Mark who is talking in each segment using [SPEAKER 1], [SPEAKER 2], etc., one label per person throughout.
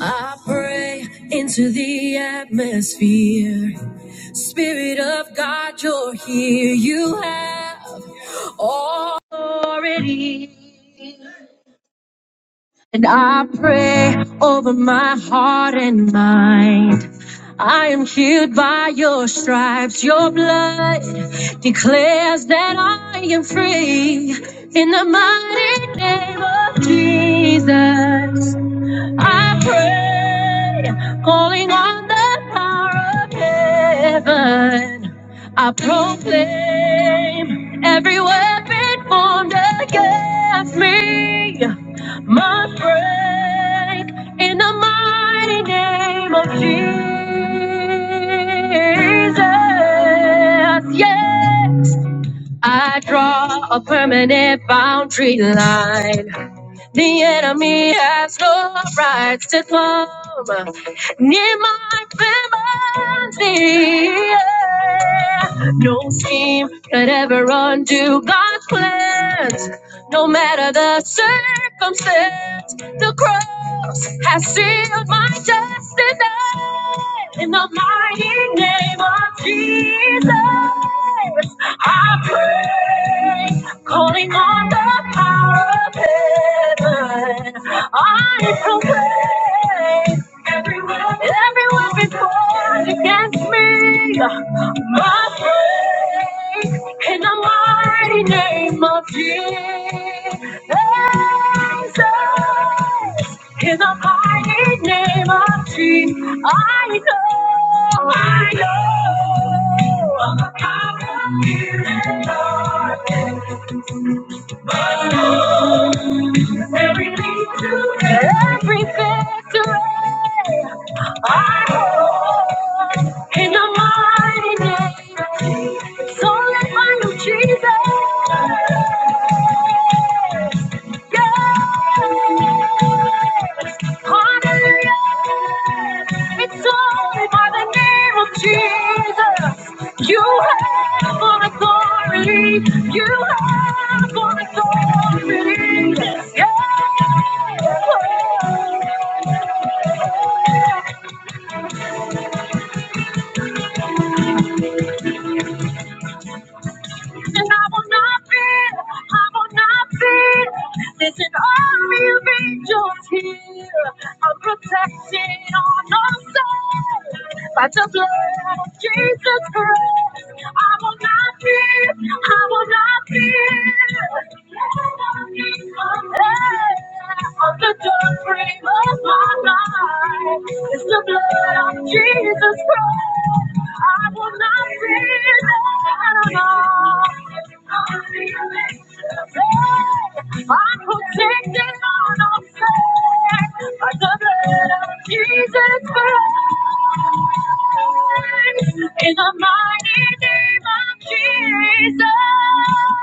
[SPEAKER 1] I pray into the atmosphere. Spirit of God, you're here. You have authority. And I pray over my heart and mind. I am healed by your stripes. Your blood declares that I am free in the mighty name of Jesus. I pray, calling on the power of heaven. I proclaim every weapon formed against me must break in the mighty name of Jesus. Yes, I draw a permanent boundary line. The enemy has no right to come near my family. yeah. No scheme could ever undo God's plans, no matter the circumstance. The cross has sealed my destiny. In the mighty name of Jesus, I pray, calling on the power of heaven. I pray, everyone, everyone before against me, my praise. In the mighty name of Jesus. In the mighty name of Jesus, I know, I know, every lead to every victory. I know, in the mighty name, so let my Jesus, yeah, hallelujah. It's only by the name of Jesus. You have all authority. You have all authority. Yeah. And I will not fear, I will not fear. There's an army of angels here. I'm protected on all sides by the blood of Jesus Christ. I will not fear, I will not fear. On the dark frame of my life is the blood of Jesus Christ. I will not fear no more. I'm feeling safe. I'm protected on all sides by the blood of Jesus Christ. In the mighty name of Jesus.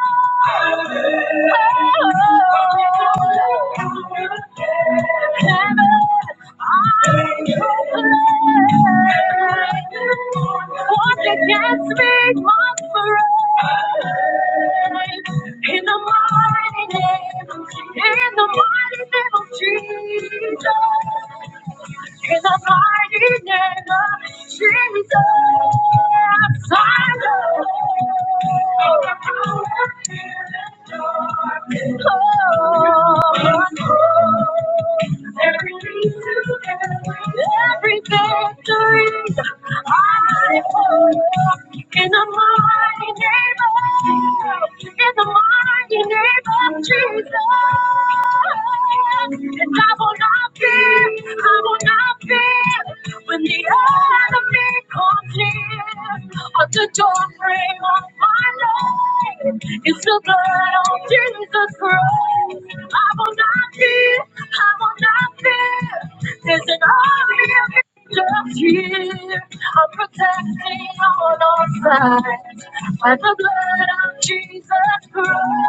[SPEAKER 1] Against me, my friend. In the mighty name, in the mighty name of Jesus. In the mighty name of Jesus, I know. Oh, I know. Every every victory I hold in the mighty name of, in the mighty name of Jesus. And I will not fear, I will not fear when the enemy comes near At the door frame of my life, it's the blood of Jesus Christ. I will not fear. I will not fear. There's an army of angels here. I'm protecting on all sides by the blood of Jesus Christ.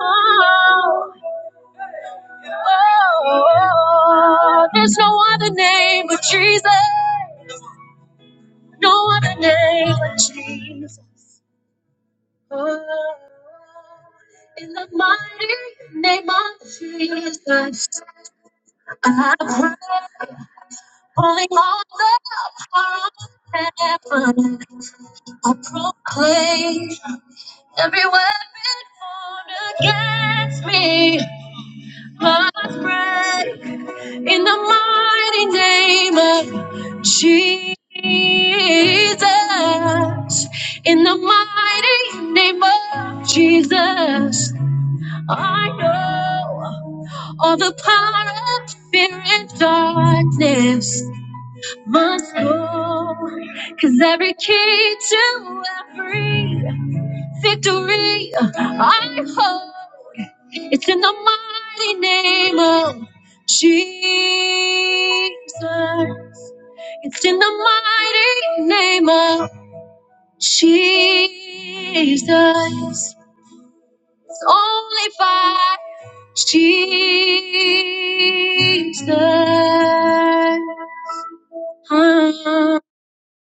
[SPEAKER 1] Oh, oh, there's no other name but Jesus. No other name but Jesus. Oh, in the mighty name of Jesus. I pray, pulling on the power of heaven. I proclaim every weapon formed against me must break in the mighty name of Jesus. In the mighty name of Jesus, I know all the power of fear and darkness. must go. Cause every key to every victory I hold, it's in the mighty name of Jesus. It's in the mighty name of Jesus. It's only by Jesus.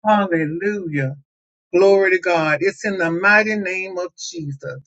[SPEAKER 1] Hallelujah. Glory to God. It's in the mighty name of Jesus.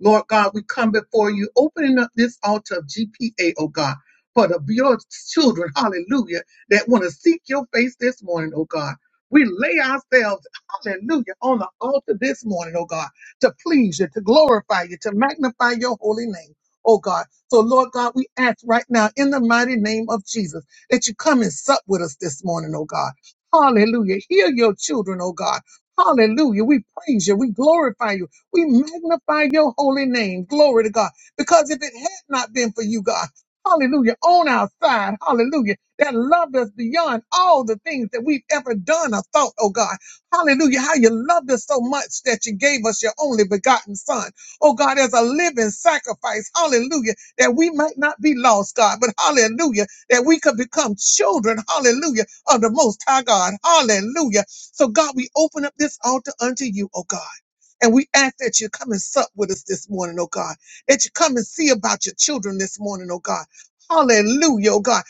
[SPEAKER 1] Lord God, we come before you, opening up this altar of GPA, oh God, for the your children, hallelujah, that want to seek your face this morning, oh God. We lay ourselves, hallelujah, on the altar this morning, oh God, to please you, to glorify you, to magnify your holy name, oh God. So, Lord God, we ask right now in the mighty name of Jesus that you come and sup with us this morning, oh God. Hallelujah. Heal your children, oh God. Hallelujah. We praise you. We glorify you. We magnify your holy name. Glory to God. Because if it had not been for you, God, hallelujah, on our side, hallelujah, that loved us beyond all the things that we've ever done or thought, oh God. Hallelujah. How you loved us so much that you gave us your only begotten son. Oh God, as a living sacrifice, hallelujah, that we might not be lost, God, but hallelujah, that we could become children, hallelujah, of the most high God. Hallelujah. So, God, we open up this altar unto you, oh God. And we ask that you come and sup with us this morning, oh God. That you come and see about your children this morning, oh God. Hallelujah, oh God.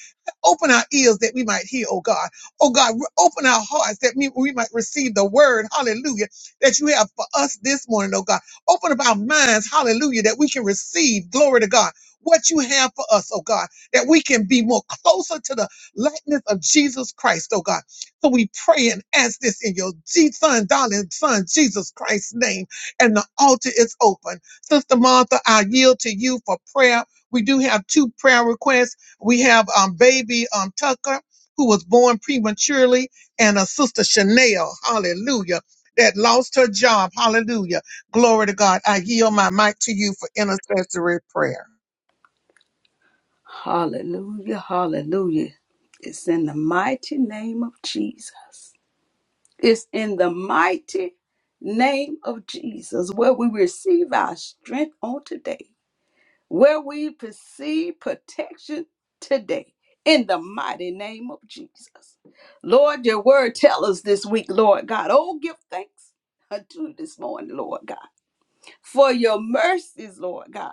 [SPEAKER 1] Open our ears that we might hear, oh God. Oh God, re- open our hearts that we, we might receive the word, hallelujah, that you have for us this morning, oh God. Open up our minds, hallelujah, that we can receive, glory to God, what you have for us, oh God, that we can be more closer to the likeness of Jesus Christ, oh God so we pray and ask this in your G son, darling son, Jesus Christ's name. And the altar is open. Sister Martha, I yield to you for prayer. We do have two prayer requests. We have um, baby um, Tucker, who was born prematurely, and a sister Chanel, hallelujah, that lost her job. Hallelujah. Glory to God. I yield my mic to you for intercessory prayer.
[SPEAKER 2] Hallelujah, hallelujah. It's in the mighty name of Jesus. It's in the mighty name of Jesus where we receive our strength on today, where we perceive protection today, in the mighty name of Jesus. Lord, your word tell us this week, Lord God. Oh, give thanks unto you this morning, Lord God, for your mercies, Lord God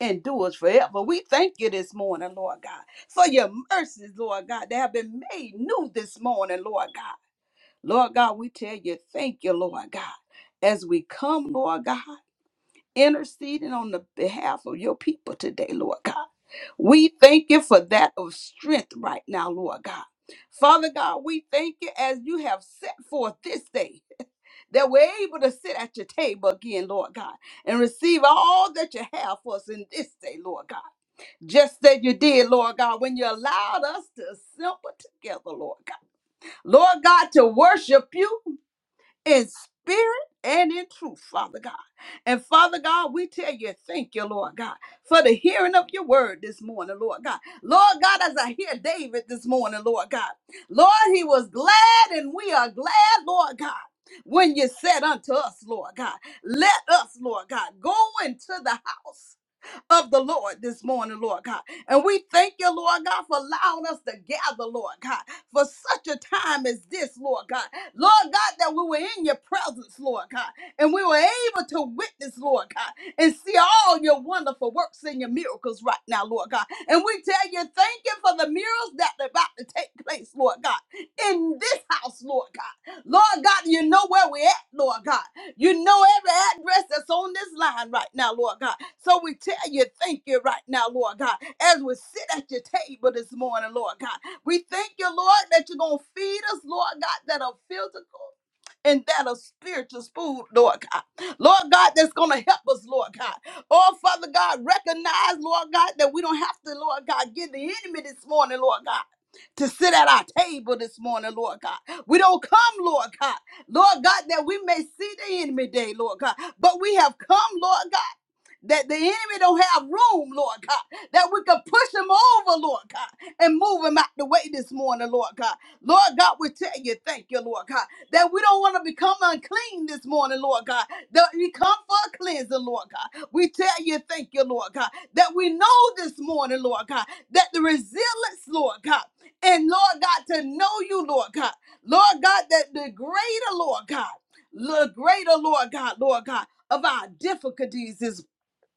[SPEAKER 2] endures forever. We thank you this morning, Lord God, for your mercies, Lord God, that have been made new this morning, Lord God. Lord God, we tell you, thank you, Lord God, as we come, Lord God, interceding on the behalf of your people today, Lord God. We thank you for that of strength right now, Lord God. Father God, we thank you as you have set forth this day that we're able to sit at your table again, Lord God, and receive all that you have for us in this day, Lord God just as you did, Lord God, when you allowed us to assemble together, Lord God. Lord God, to worship you in spirit and in truth, Father God. And Father God, we tell you, thank you, Lord God, for the hearing of your word this morning, Lord God. Lord God, as I hear David this morning, Lord God, Lord, he was glad and we are glad, Lord God. When you said unto us, Lord God, let us, Lord God, go into the house of the Lord this morning, Lord God. And we thank you, Lord God, for allowing us to gather, Lord God, for such a time as this, Lord God. Lord God, that we were in your presence, Lord God, and we were able to witness, Lord God, and see all your wonderful works and your miracles right now, Lord God. And we tell you, thank you for the miracles that are about to take place, Lord God, in this house, Lord God. Lord God, you know where we at, Lord God. You know every address that's on this line right now, Lord God. So we tell you, thank you right now, Lord God, as we sit at your table this morning, Lord God. We thank you, Lord, that you're going to feed us, Lord God, that are physical and that of spiritual food, Lord God. Lord God, that's going to help us, Lord God. Oh, Father God, recognize, Lord God, that we don't have to, Lord God, give the enemy this morning, Lord God. To sit at our table this morning, Lord God. We don't come, Lord God. Lord God, that we may see the enemy day, Lord God. But we have come, Lord God. That the enemy don't have room, Lord God. That we can push him over, Lord God, and move him out the way this morning, Lord God. Lord God, we tell you, thank you, Lord God, that we don't want to become unclean this morning, Lord God. That we come for a cleansing, Lord God. We tell you, thank you, Lord God, that we know this morning, Lord God, that the resilience, Lord God, and Lord God, to know you, Lord God. Lord God, that the greater, Lord God, the greater, Lord God, Lord God, of our difficulties is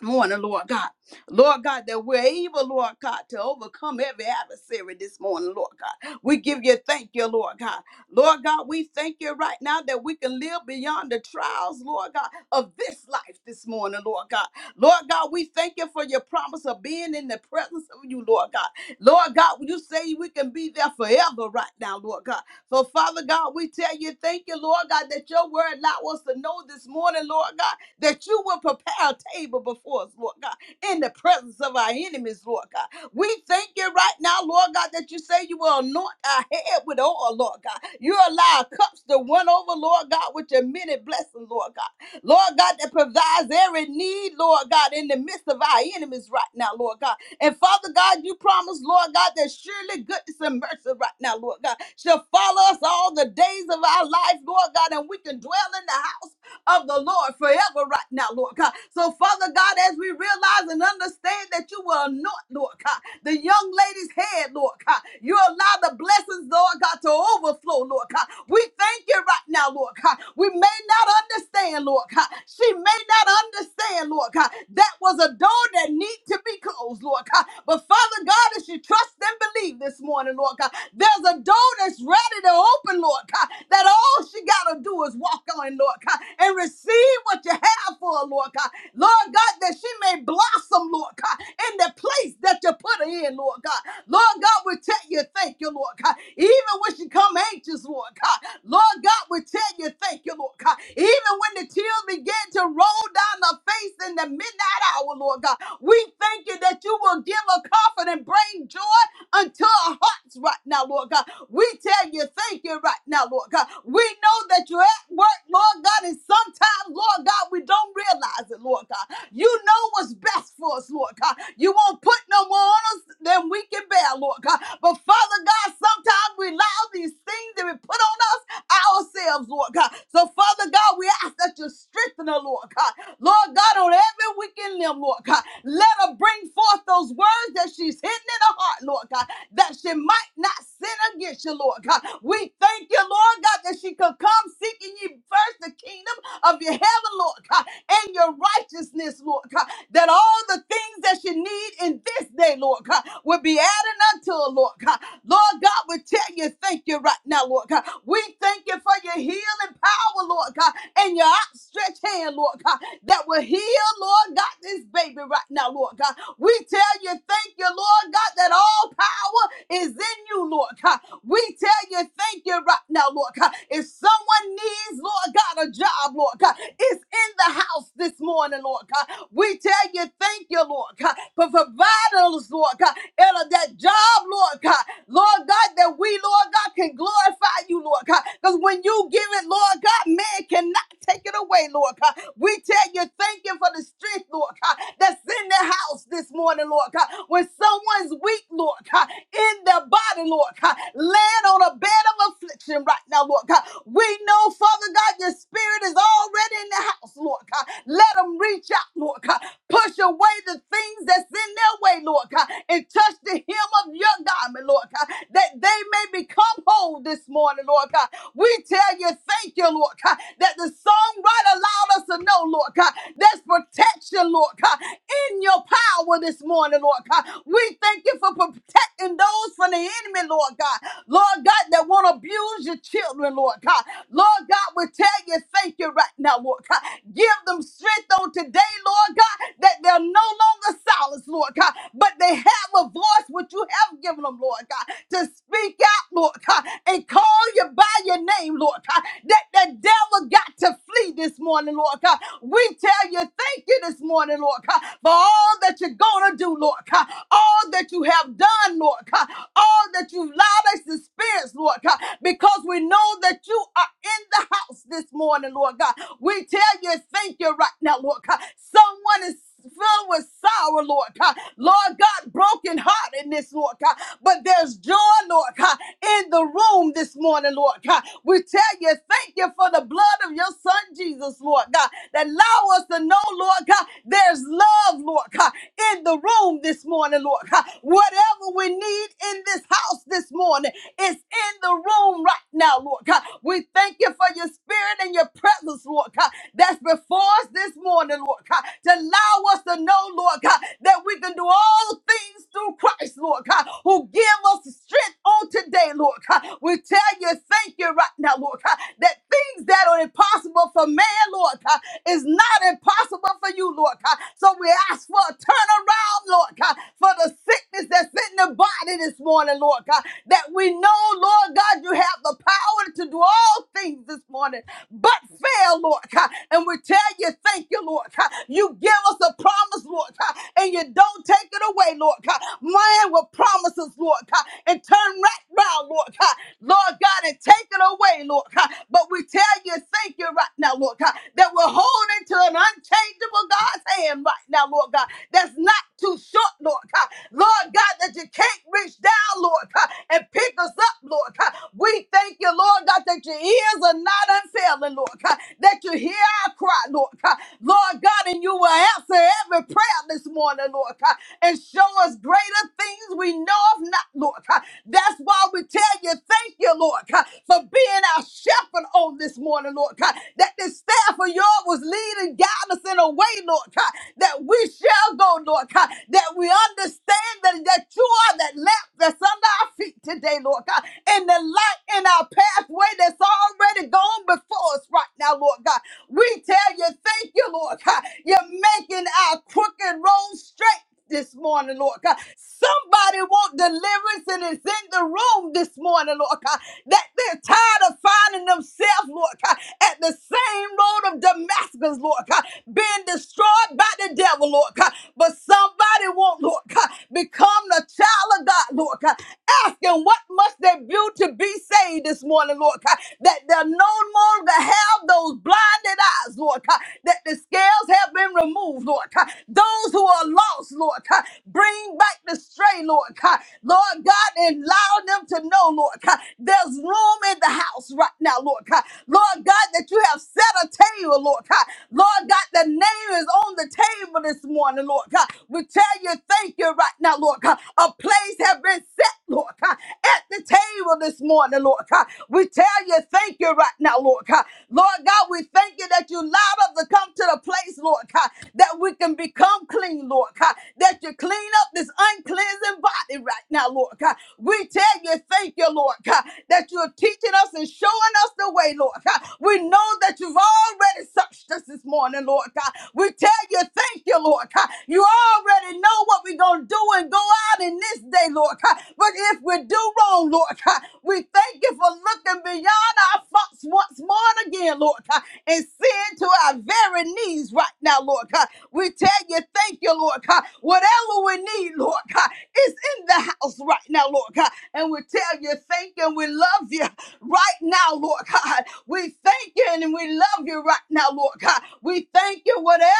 [SPEAKER 2] morning, Lord God. Lord God, that we're able, Lord God, to overcome every adversary this morning, Lord God. We give you thank you, Lord God. Lord God, we thank you right now that we can live beyond the trials, Lord God, of this life this morning, Lord God. Lord God, we thank you for your promise of being in the presence of you, Lord God. Lord God, you say we can be there forever right now, Lord God. So, Father God, we tell you thank you, Lord God, that your word allow us to know this morning, Lord God, that you will prepare a table before us, Lord God, in the presence of our enemies, Lord God. We thank you right now, Lord God, that you say you will anoint our head with oil, Lord God. You allow cups to run over, Lord God, with your many blessings, Lord God. Lord God, that provides every need, Lord God, in the midst of our enemies right now, Lord God. And Father God, you promise, Lord God, that surely goodness and mercy right now, Lord God, shall follow us all the days of our life, Lord God, and we can dwell in the house of the Lord forever right now, Lord God. So, Father God, as we realize and understand that you will anoint, Lord God, the young lady's head, Lord God, you allow the blessings, Lord God, to overflow, Lord God. We thank you right now, Lord God. We may not understand, Lord God. She may not understand, Lord God. That was a door that need to be closed, Lord God. But Father God, as she trusts and believes this morning, Lord God, there's a door that's ready to open open, Lord God, that all she got to do is walk on, Lord God, and receive what you have for her, Lord God. Lord God, that she may blossom, Lord God, in the place that you put her in, Lord God. Lord God, we tell you thank you, Lord God. Even when she come anxious, Lord God. Lord God, we tell you thank you, Lord God. Even when the tears begin to roll down her face in the midnight hour, Lord God, we thank you that you will give her comfort and bring joy unto our hearts right now, Lord God. We tell you thank you right now, Lord God. We know that you're at work, Lord God, and sometimes, Lord God, we don't realize it, Lord God. You know what's best for us, Lord God. You won't put no more on us than we can bear, Lord God. But Father God, sometimes we allow these things that we put on us ourselves, Lord God. So, Father God, we ask that you strengthen her, Lord God. Lord God, on every week in them, Lord God, let her bring forth those words that she's hidden in her heart, Lord God, that she might not sin against you, Lord God. We thank you, Lord God, that she could come seeking ye first the kingdom of your heaven, Lord God, and your righteousness, Lord God, that all the things that you need in this day, Lord God, will be added unto her, Lord God. Lord God, we tell you thank you right now, Lord God. We thank you for your healing power, Lord God, and your outstretched hand, Lord God, that will heal, Lord God, this baby right now, Lord God. We tell you thank you, Lord God, that all power is in you, Lord God. We tell you thank you right now, Lord God. If someone needs, Lord God, a job, Lord God, is in the house this morning, Lord God. We tell you, thank you, Lord God, for providing us, Lord God, and that job, Lord God, Lord God, that we, Lord God, can glorify you, Lord God. Because when you give it, Lord God, man cannot take it away, Lord God. We tell you, thank you for the strength, Lord God, that's in the house this morning, Lord God. When someone's weak, Lord God, in their body, Lord God, land on a bed of affliction, action right now, Lord God. We know, Father God, your spirit is already in the house, Lord God. Let them reach out, Lord God. Push away the things that's in their way, Lord God, and touch the hem of your garment, Lord God, that they may become whole this morning, Lord God. We tell you, thank you, Lord God, that the songwriter allowed us to know, Lord God, there's protection, Lord God, in your power this morning, Lord God. We thank you for protecting those from the enemy, Lord God. Lord God, that won't abuse your children, Lord God. Lord God, we tell you thank you right now, Lord God. Give them strength on today, Lord God, that they're no longer silent, Lord God, but they have a voice which you have given them, Lord God, to speak out, Lord God, and call you by your name, Lord God, that the devil got to flee this morning, Lord God. We tell you thank you this morning, Lord God, for all that you're going to do, Lord Lord God. All that you have done, Lord God. All that you've allowed us to experience, Lord God. Because we know that you are in the house this morning, Lord God. We tell you thank you right now, Lord God. Someone is filled with sorrow, Lord God. Lord God, broken heart in this, Lord God. But there's joy, Lord God, in the room this morning, Lord God. We tell you thank you for the blood of your son, Jesus, Lord God, that allowed Allow us to know, Lord God, there's love, Lord God, in the room this morning, Lord God. Whatever we need in this house this morning is in the room right now, Lord God. We thank you for your spirit and your presence, Lord God, that's before us this morning, Lord God to allow us to know, Lord God, that we can do all things through Christ, Lord God, who give us strength on today, Lord God. We tell you, thank you right now, Lord God, that things that are impossible for man, Lord God, is not impossible for you, Lord God. So we ask for a turnaround, Lord God, for the sickness that's in the body this morning, Lord God, that we know, Lord God, you have the power to do all things this morning but fail, Lord God. And we tell you, thank you you, Lord. You give us a promise, Lord, and you don't take it away, Lord. Man will promise us, Lord, and turn right round, Lord. Lord God, and take it away, Lord. But we tell you, thank you right now, Lord, that we're holding to an unchangeable God's hand right now, Lord God. That's not too short, Lord Lord God, that you can't reach down, Lord and pick us up, Lord We thank you, Lord God, that your ears are not unfailing, Lord that you hear our cry, God, Lord God. Lord God, and you will answer every prayer this morning, Lord God, and show us greater things we know of not, Lord God. That's why we tell you, thank you, Lord God, for being our shepherd on this morning, Lord God, that this staff of yours was leading, guiding us in a way, Lord God, that we shall go, Lord God, that we understand that, that you are that lamp that's under our feet today, Lord God, and the light in our pathway that's already gone before us right now, Lord God. We tell you, thank you, Lord God. You're making our crooked road straight this morning, Lord God. Somebody want deliverance and is in the room this morning, Lord God. That they're tired of finding themselves, Lord God, at the same road of Damascus, Lord God, being destroyed by the devil, Lord God. But somebody want, Lord God, become the child of God, Lord God, asking what must once they built to be saved this morning, Lord God, that they're no longer have those blinded eyes, Lord God, that the scales have been removed, Lord God. Those who are lost, Lord God, bring back the stray, Lord God. Lord God, and allow them to know, Lord God, there's room in the house right now, Lord God. Lord God, that you have set a table, Lord God. Lord God, the name is on the table this morning, Lord. Lord God. We tell you thank you right now, Lord God. A place has been set, Lord God, at the table this morning, Lord God. We tell you thank you right now, Lord God. Lord God, we thank you that you allowed us to come to the place, Lord God, that we can become clean, Lord God, that you clean up this uncleansing body right now, Lord God. We tell you thank you, Lord God, that you're teaching us and showing us the way, Lord God. We know that you've already touched us this morning, Lord God. We tell you, thank you, Lord God. You already know what we're going to do and go out in this day, Lord God. But if we do wrong, Lord God, we thank you for looking beyond our faults once more and again, Lord God, and seeing to our very knees right now, Lord God. We tell you, thank you, Lord God. Whatever we need, Lord God, is in the house right now, Lord God. And we would tell you thank you and we love you right now, Lord God. We thank you and we love you right now, Lord God. We thank you whatever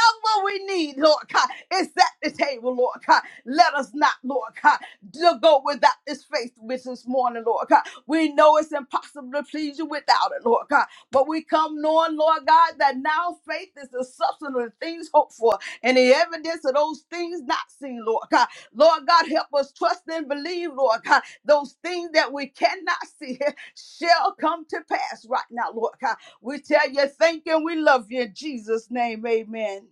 [SPEAKER 2] we need, Lord God. It's at the table, Lord God. Let us not, Lord God, to go without this faith with this morning, Lord God. We know it's impossible to please you without it, Lord God. But we come knowing, Lord God, that now faith is the substance of the things hoped for and the evidence of those things not seen, Lord God. Lord God, help us trust and believe, Lord God those things that we cannot see shall come to pass right now, Lord God. We tell you thank you and we love you in Jesus' name. Amen.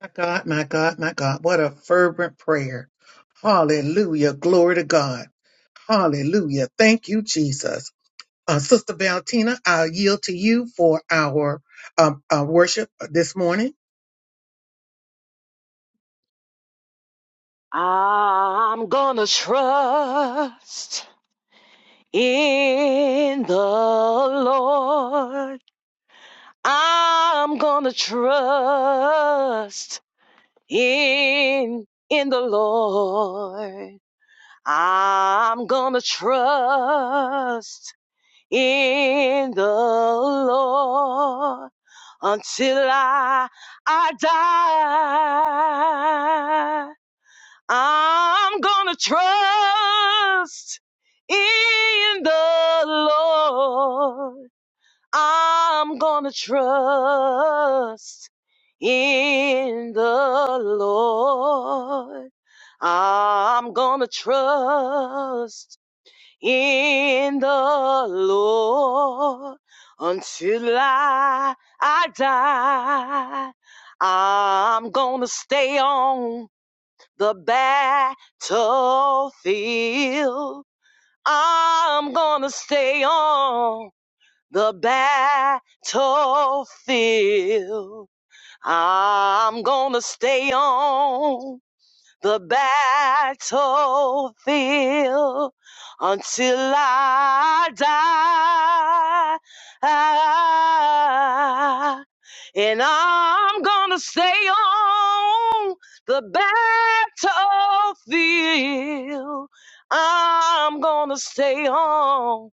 [SPEAKER 1] My God, my God, my God. What a fervent prayer. Hallelujah. Glory to God. Hallelujah. Thank you, Jesus. Uh, Sister Valentina, I'll yield to you for our um, uh, worship this morning.
[SPEAKER 3] I'm gonna trust in the Lord. I'm gonna trust in in the Lord. I'm gonna trust in the Lord until I I die. I'm gonna trust in the Lord. I'm gonna trust in the Lord. I'm gonna trust in the Lord until I, I die. I'm gonna stay on the battlefield. I'm gonna stay on the battlefield. I'm gonna stay on the battlefield until I die. And I'm gonna stay on the battlefield. I'm gonna stay on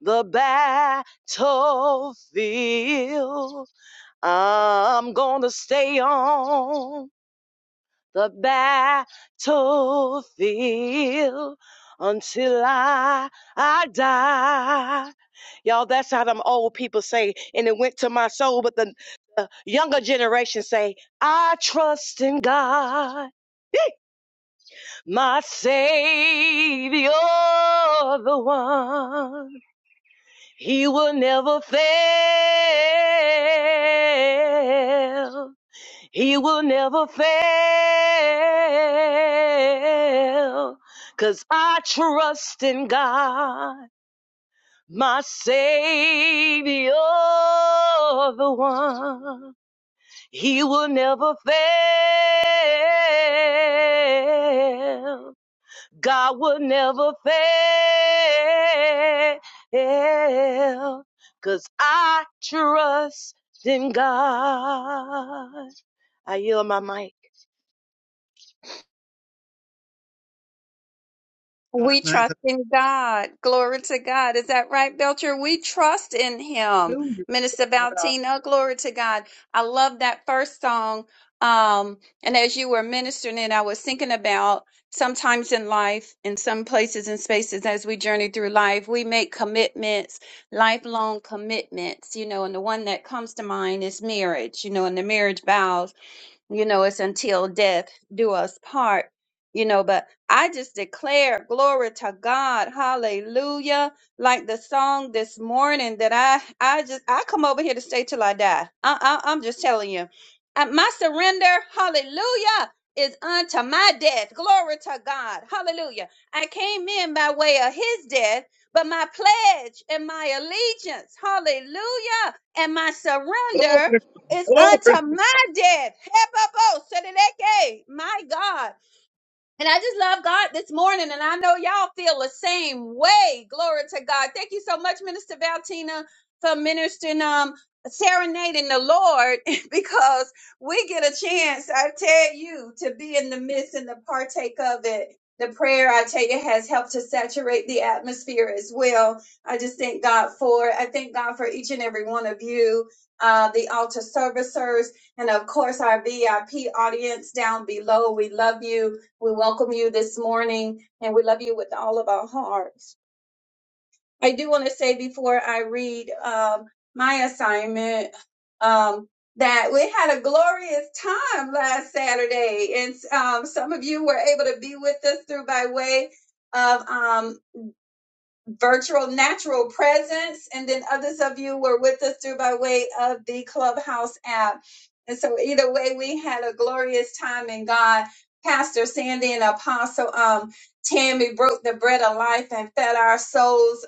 [SPEAKER 3] the battlefield. I'm gonna stay on the battlefield until I, I die. Y'all, that's how them old people say, and it went to my soul, but the the younger generation say, I trust in God, my Savior, the one. He will never fail. He will never fail, 'cause I trust in God, my Savior, the one. He will never fail. God will never fail, 'cause I trust in God. I yield my mic.
[SPEAKER 1] God,
[SPEAKER 4] We
[SPEAKER 1] my
[SPEAKER 4] trust
[SPEAKER 1] God.
[SPEAKER 4] in God. Glory to God. Is that right, Belcher? We trust in Him.
[SPEAKER 1] Hallelujah.
[SPEAKER 4] Minister Valtina, glory to God. I love that first song. Um, and as you were ministering it, I was thinking about sometimes in life, in some places and spaces, as we journey through life, we make commitments, lifelong commitments, you know, and the one that comes to mind is marriage, you know, and the marriage vows you know, it's until death do us part, you know, but I just declare glory to God. Hallelujah. Like the song this morning that I, I just, I come over here to stay till I die. I, I, I'm just telling you, Uh, my surrender, hallelujah, is unto my death. Glory to God. Hallelujah. I came in by way of his death, but my pledge and my allegiance, hallelujah, and my
[SPEAKER 1] Glory,
[SPEAKER 4] surrender
[SPEAKER 1] to God.
[SPEAKER 4] is
[SPEAKER 1] glory,
[SPEAKER 4] unto my death. My God. And I just love God this morning, and I know y'all feel the same way. Glory to God. Thank you so much, Minister Valtina, for ministering, um, serenading the Lord, because we get a chance, I tell you, to be in the midst and to partake of it. The prayer, I tell you, has helped to saturate the atmosphere as well. I just thank God for it. I thank God for each and every one of you, uh, the altar servicers, and of course, our VIP audience down below. We love you. We welcome you this morning and we love you with all of our hearts. I do want to say before I read um, my assignment um, that we had a glorious time last Saturday, and um, some of you were able to be with us through by way of. um, virtual natural presence. And then others of you were with us through by way of the Clubhouse app. And so either way, we had a glorious time in God. Pastor Sandy and Apostle um, Tammy broke the bread of life and fed our souls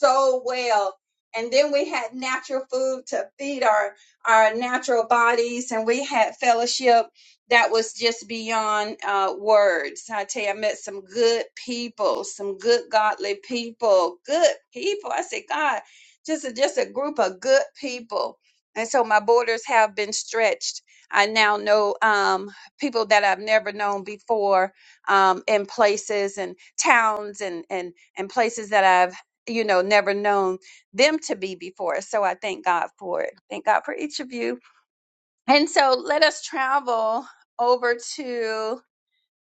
[SPEAKER 4] so well. And then we had natural food to feed our, our natural bodies, and we had fellowship that was just beyond uh, words. I tell you, I met some good people, some good godly people, good people. I say, God, just a, just a group of good people. And so my borders have been stretched. I now know um, people that I've never known before um, in places and towns and and and places that I've you know never known them to be before. So I thank God for it. Thank God for each of you and so let us travel over to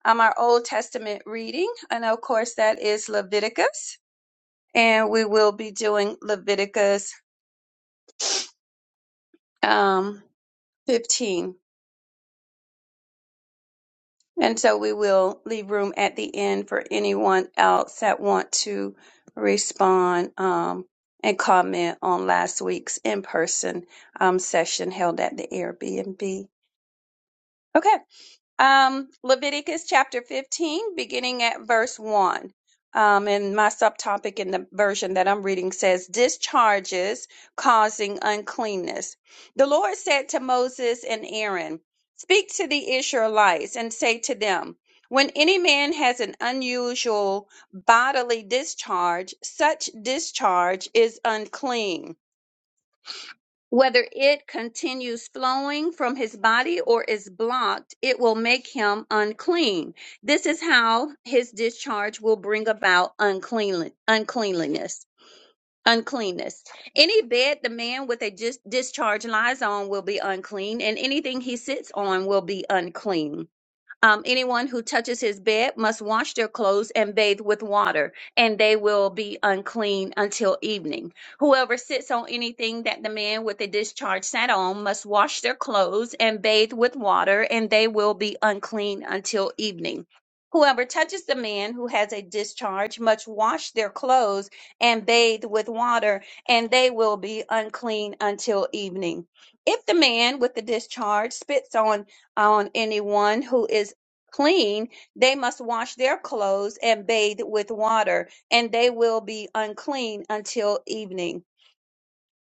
[SPEAKER 4] um, our Old Testament reading. And of course, that is Leviticus. And we will be doing Leviticus um, 15. And so we will leave room at the end for anyone else that want to respond um, and comment on last week's in-person um, session held at the Airbnb. Okay. Um, Leviticus chapter 15, beginning at verse 1. Um, and my subtopic in the version that I'm reading says, Discharges causing uncleanness. The Lord said to Moses and Aaron, Speak to the Israelites and say to them, When any man has an unusual bodily discharge, such discharge is unclean whether it continues flowing from his body or is blocked, it will make him unclean. This is how his discharge will bring about uncleanli- uncleanliness. Uncleanness. Any bed the man with a dis- discharge lies on will be unclean, and anything he sits on will be unclean. Um, anyone who touches his bed must wash their clothes and bathe with water, and they will be unclean until evening. Whoever sits on anything that the man with the discharge sat on must wash their clothes and bathe with water, and they will be unclean until evening. Whoever touches the man who has a discharge must wash their clothes and bathe with water, and they will be unclean until evening. If the man with the discharge spits on on anyone who is clean, they must wash their clothes and bathe with water, and they will be unclean until evening.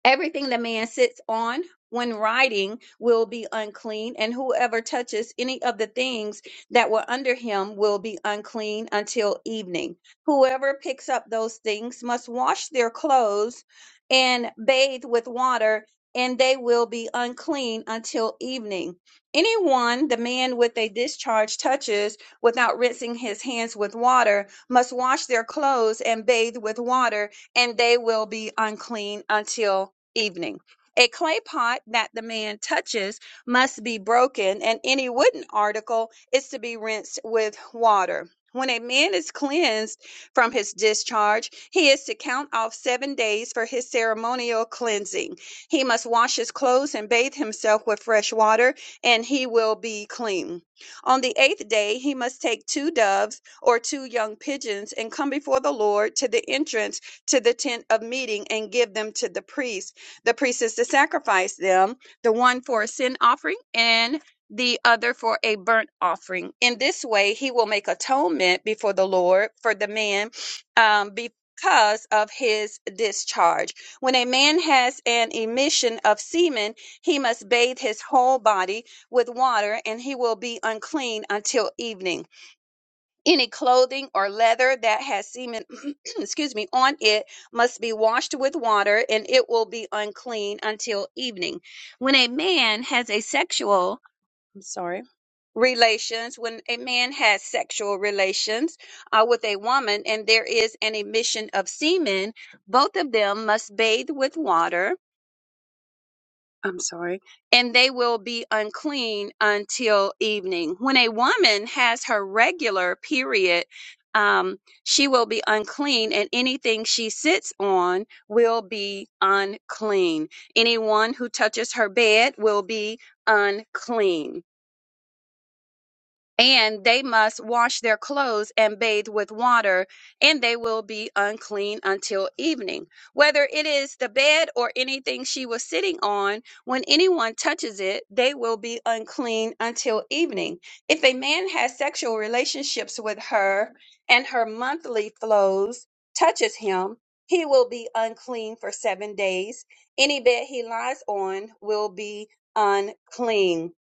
[SPEAKER 4] Everything the man sits on when riding will be unclean, and whoever touches any of the things that were under him will be unclean until evening. Whoever picks up those things must wash their clothes and bathe with water, and they will be unclean until evening. Anyone the man with a discharge touches without rinsing his hands with water must wash their clothes and bathe with water, and they will be unclean until evening. A clay pot that the man touches must be broken, and any wooden article is to be rinsed with water. When a man is cleansed from his discharge, he is to count off seven days for his ceremonial cleansing. He must wash his clothes and bathe himself with fresh water, and he will be clean. On the eighth day, he must take two doves or two young pigeons and come before the Lord to the entrance to the tent of meeting and give them to the priest the priest is to sacrifice them, the one for a sin offering and the other for a burnt offering. In this way, he will make atonement before the Lord for the man um, because of his discharge. When a man has an emission of semen, he must bathe his whole body with water and he will be unclean until evening any clothing or leather that has semen, excuse me, on it must be washed with water and it will be unclean until evening. When a man has a sexual, I'm sorry, relations, when a man has sexual relations uh, with a woman and there is an emission of semen, both of them must bathe with water I'm sorry, and they will be unclean until evening. When a woman has her regular period, um, she will be unclean, and anything she sits on will be unclean. Anyone who touches her bed will be unclean and they must wash their clothes and bathe with water, and they will be unclean until evening. Whether it is the bed or anything she was sitting on, when anyone touches it, they will be unclean until evening. If a man has sexual relationships with her and her monthly flows touches him, he will be unclean for seven days. Any bed he lies on will be unclean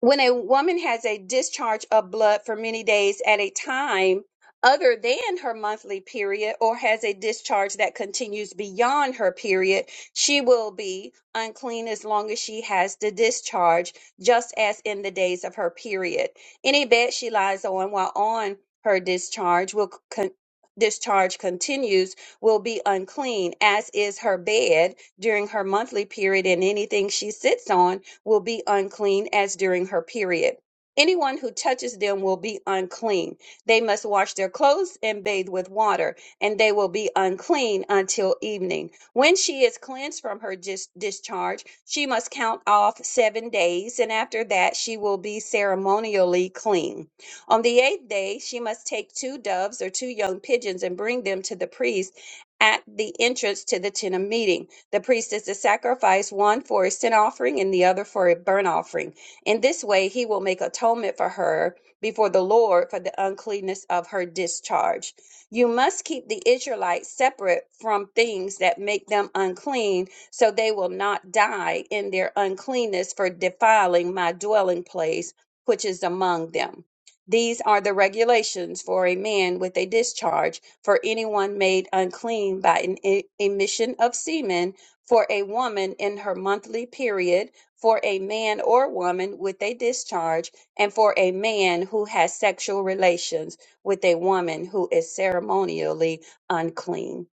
[SPEAKER 4] when a woman has a discharge of blood for many days at a time other than her monthly period or has a discharge that continues beyond her period, she will be unclean as long as she has the discharge, just as in the days of her period. Any bed she lies on while on her discharge will con- discharge continues will be unclean as is her bed during her monthly period and anything she sits on will be unclean as during her period. Anyone who touches them will be unclean. They must wash their clothes and bathe with water, and they will be unclean until evening. When she is cleansed from her dis- discharge, she must count off seven days, and after that she will be ceremonially clean. On the eighth day, she must take two doves or two young pigeons and bring them to the priest at the entrance to the tent of meeting. The priest is to sacrifice one for a sin offering and the other for a burnt offering. In this way, he will make atonement for her before the Lord for the uncleanness of her discharge. You must keep the Israelites separate from things that make them unclean, so they will not die in their uncleanness for defiling my dwelling place, which is among them. These are the regulations for a man with a discharge, for anyone made unclean by an e- emission of semen for a woman in her monthly period, for a man or woman with a discharge, and for a man who has sexual relations with a woman who is ceremonially unclean.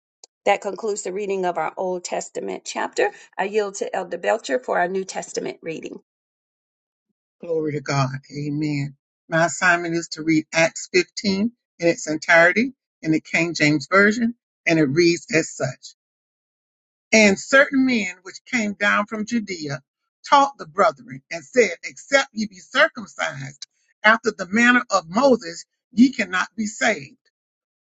[SPEAKER 4] That concludes the reading of our Old Testament chapter. I yield to Elder Belcher for our New Testament reading
[SPEAKER 1] glory to God. Amen. My assignment is to read Acts 15 in its entirety in the King James Version, and it reads as such. And certain men which came down from Judea taught the brethren and said, Except ye be circumcised after the manner of Moses, ye cannot be saved.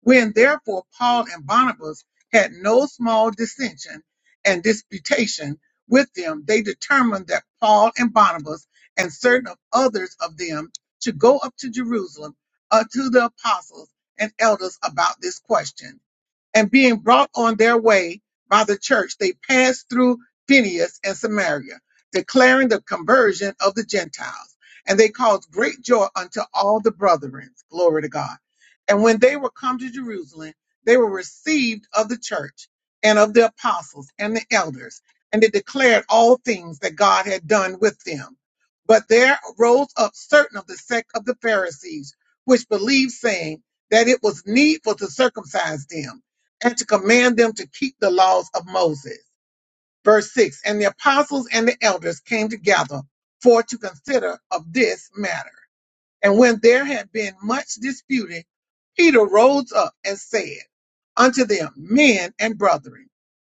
[SPEAKER 1] When therefore Paul and Barnabas had no small dissension and disputation with them, they determined that Paul and Barnabas and certain of others of them should go up to Jerusalem uh, to the apostles and elders about this question and being brought on their way by the church, they passed through Phineas and Samaria, declaring the conversion of the Gentiles. And they caused great joy unto all the brethren. Glory to God. And when they were come to Jerusalem, they were received of the church and of the apostles and the elders. And they declared all things that God had done with them. But there rose up certain of the sect of the Pharisees, which believed, saying that it was needful to circumcise them and to command them to keep the laws of Moses. Verse 6 And the apostles and the elders came together for to consider of this matter. And when there had been much disputing, Peter rose up and said unto them, Men and brethren,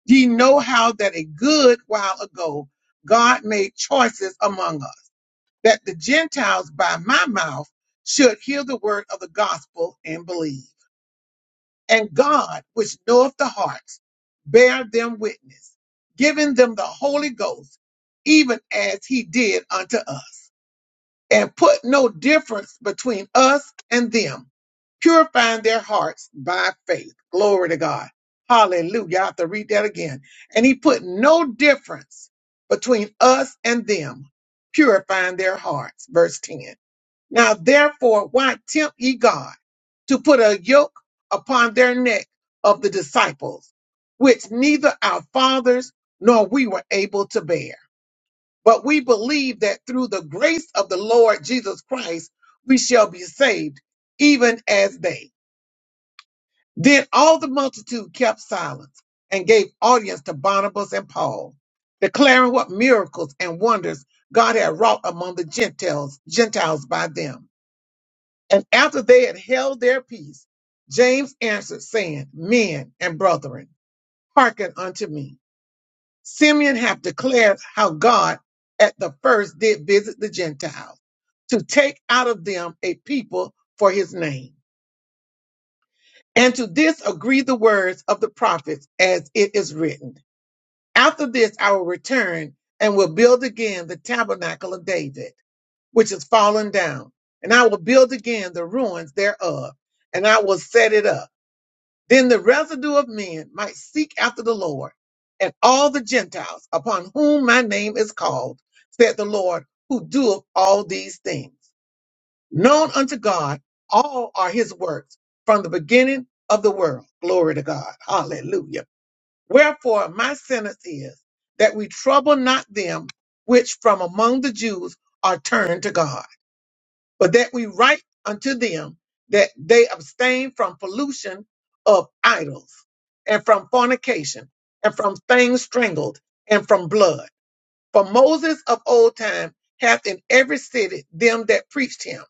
[SPEAKER 1] ye know how that a good while ago God made choices among us, that the Gentiles by my mouth should hear the word of the gospel and believe. And God, which knoweth the hearts, bear them witness, giving them the Holy Ghost, even as he did unto us, and put no difference between us and them, purifying their hearts by faith. Glory to God. Hallelujah. I have to read that again. And he put no difference between us and them, purifying their hearts. Verse 10. Now therefore, why tempt ye God? to put a yoke upon their neck of the disciples, which neither our fathers nor we were able to bear. But we believe that through the grace of the Lord Jesus Christ, we shall be saved, even as they. Then all the multitude kept silence and gave audience to Barnabas and Paul, declaring what miracles and wonders God had wrought among the Gentiles, Gentiles by them. And after they had held their peace, James answered, saying, Men and brethren, hearken unto me. Simeon hath declared how God at the first did visit the Gentiles, to take out of them a people for his name. And to this agree the words of the prophets as it is written. After this I will return and will build again the tabernacle of David, which is fallen down, and I will build again the ruins thereof, and I will set it up Then the residue of men might seek after the Lord, and all the Gentiles upon whom my name is called, said the Lord, who doeth all these things. Known unto God, all are his works from the beginning of the world. Glory to God. Hallelujah. Wherefore, my sentence is that we trouble not them which from among the Jews are turned to God but that we write unto them that they abstain from pollution of idols and from fornication and from things strangled and from blood. For Moses of old time hath in every city them that preached him,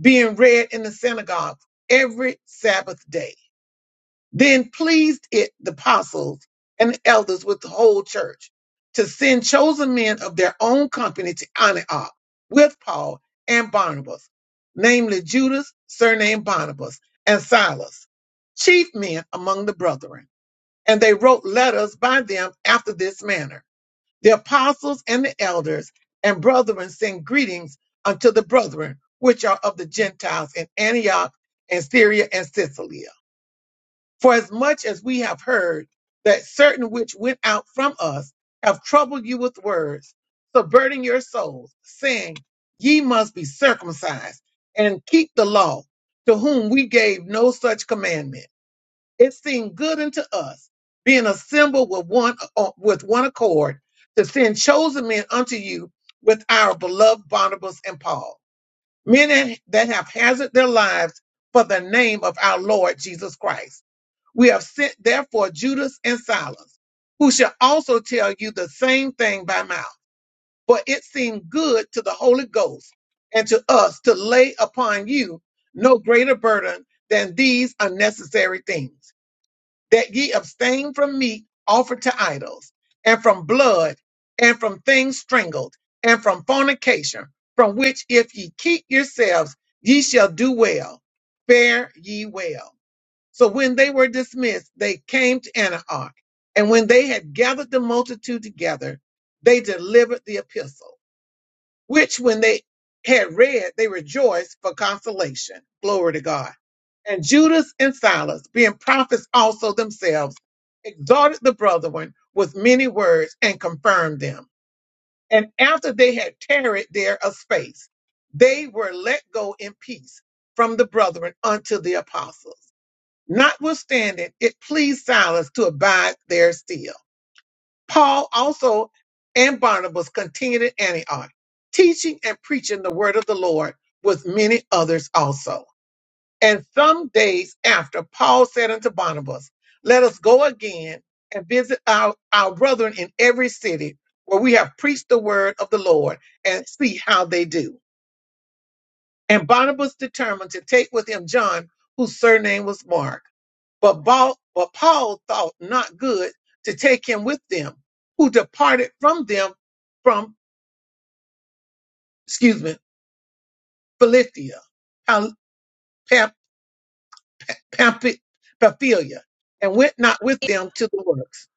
[SPEAKER 1] being read in the synagogue every Sabbath day. Then pleased it the apostles and the elders with the whole church to send chosen men of their own company to Antioch with Paul and Barnabas, namely Judas, surnamed Barnabas, and Silas, chief men among the brethren. And they wrote letters by them after this manner. The apostles and the elders and brethren send greetings unto the brethren which are of the Gentiles in Antioch and Syria and Sicily for as much as we have heard that certain which went out from us have troubled you with words, subverting your souls, saying, Ye must be circumcised and keep the law, to whom we gave no such commandment. It seemed good unto us, being assembled with one uh, with one accord, to send chosen men unto you with our beloved Barnabas and Paul, men that have hazarded their lives for the name of our Lord Jesus Christ we have sent therefore Judas and Silas, who shall also tell you the same thing by mouth. For it seemed good to the Holy Ghost and to us to lay upon you no greater burden than these unnecessary things, that ye abstain from meat offered to idols, and from blood, and from things strangled, and from fornication, from which if ye keep yourselves, ye shall do well. Fare ye well. So when they were dismissed, they came to Antioch. And when they had gathered the multitude together, they delivered the epistle, which when they had read, they rejoiced for consolation. Glory to God. And Judas and Silas, being prophets also themselves, exhorted the brethren with many words and confirmed them. And after they had tarried there a space, they were let go in peace from the brethren unto the apostles. Notwithstanding, it pleased Silas to abide there still. Paul also and Barnabas continued in Antioch, teaching and preaching the word of the Lord with many others also. And some days after, Paul said unto Barnabas, Let us go again and visit our, our brethren in every city where we have preached the word of the Lord and see how they do. And Barnabas determined to take with him John, whose surname was Mark. But Paul, but Paul thought not good to take him with them, who departed from them from, excuse me, Philippia, Pam, Pam, Pampi- Pamphylia, and went not with them to the works.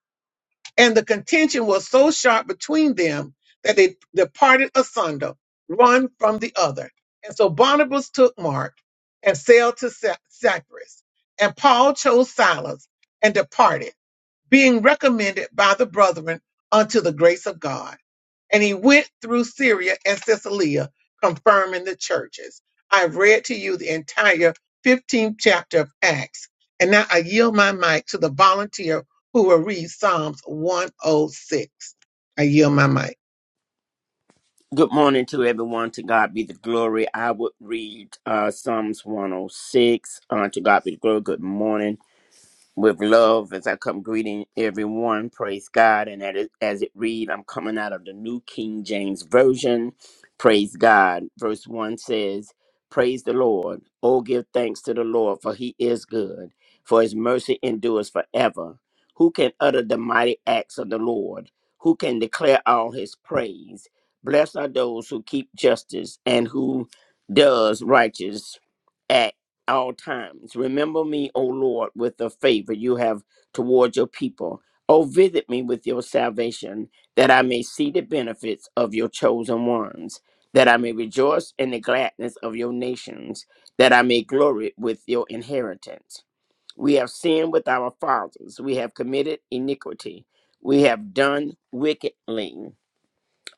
[SPEAKER 1] And the contention was so sharp between them that they departed asunder, one from the other. And so Barnabas took Mark and sailed to Cy- Cyprus. And Paul chose Silas and departed being recommended by the brethren unto the grace of God. And he went through Syria and Cilicia, confirming the churches. I've read to you the entire 15th chapter of Acts. And now I yield my mic to the volunteer who will read Psalms 106. I yield my mic.
[SPEAKER 5] Good morning to everyone. To God be the glory. I would read uh, Psalms 106. Uh, to God be the glory. Good morning with love as I come greeting everyone. Praise God. And at it, as it read, I'm coming out of the New King James Version. Praise God. Verse 1 says, Praise the Lord. Oh, give thanks to the Lord, for he is good, for his mercy endures forever. Who can utter the mighty acts of the Lord? Who can declare all his praise? Blessed are those who keep justice and who does righteous acts all times. Remember me, O Lord, with the favor you have toward your people. O visit me with your salvation, that I may see the benefits of your chosen ones, that I may rejoice in the gladness of your nations, that I may glory with your inheritance. We have sinned with our fathers, we have committed iniquity, we have done wickedly.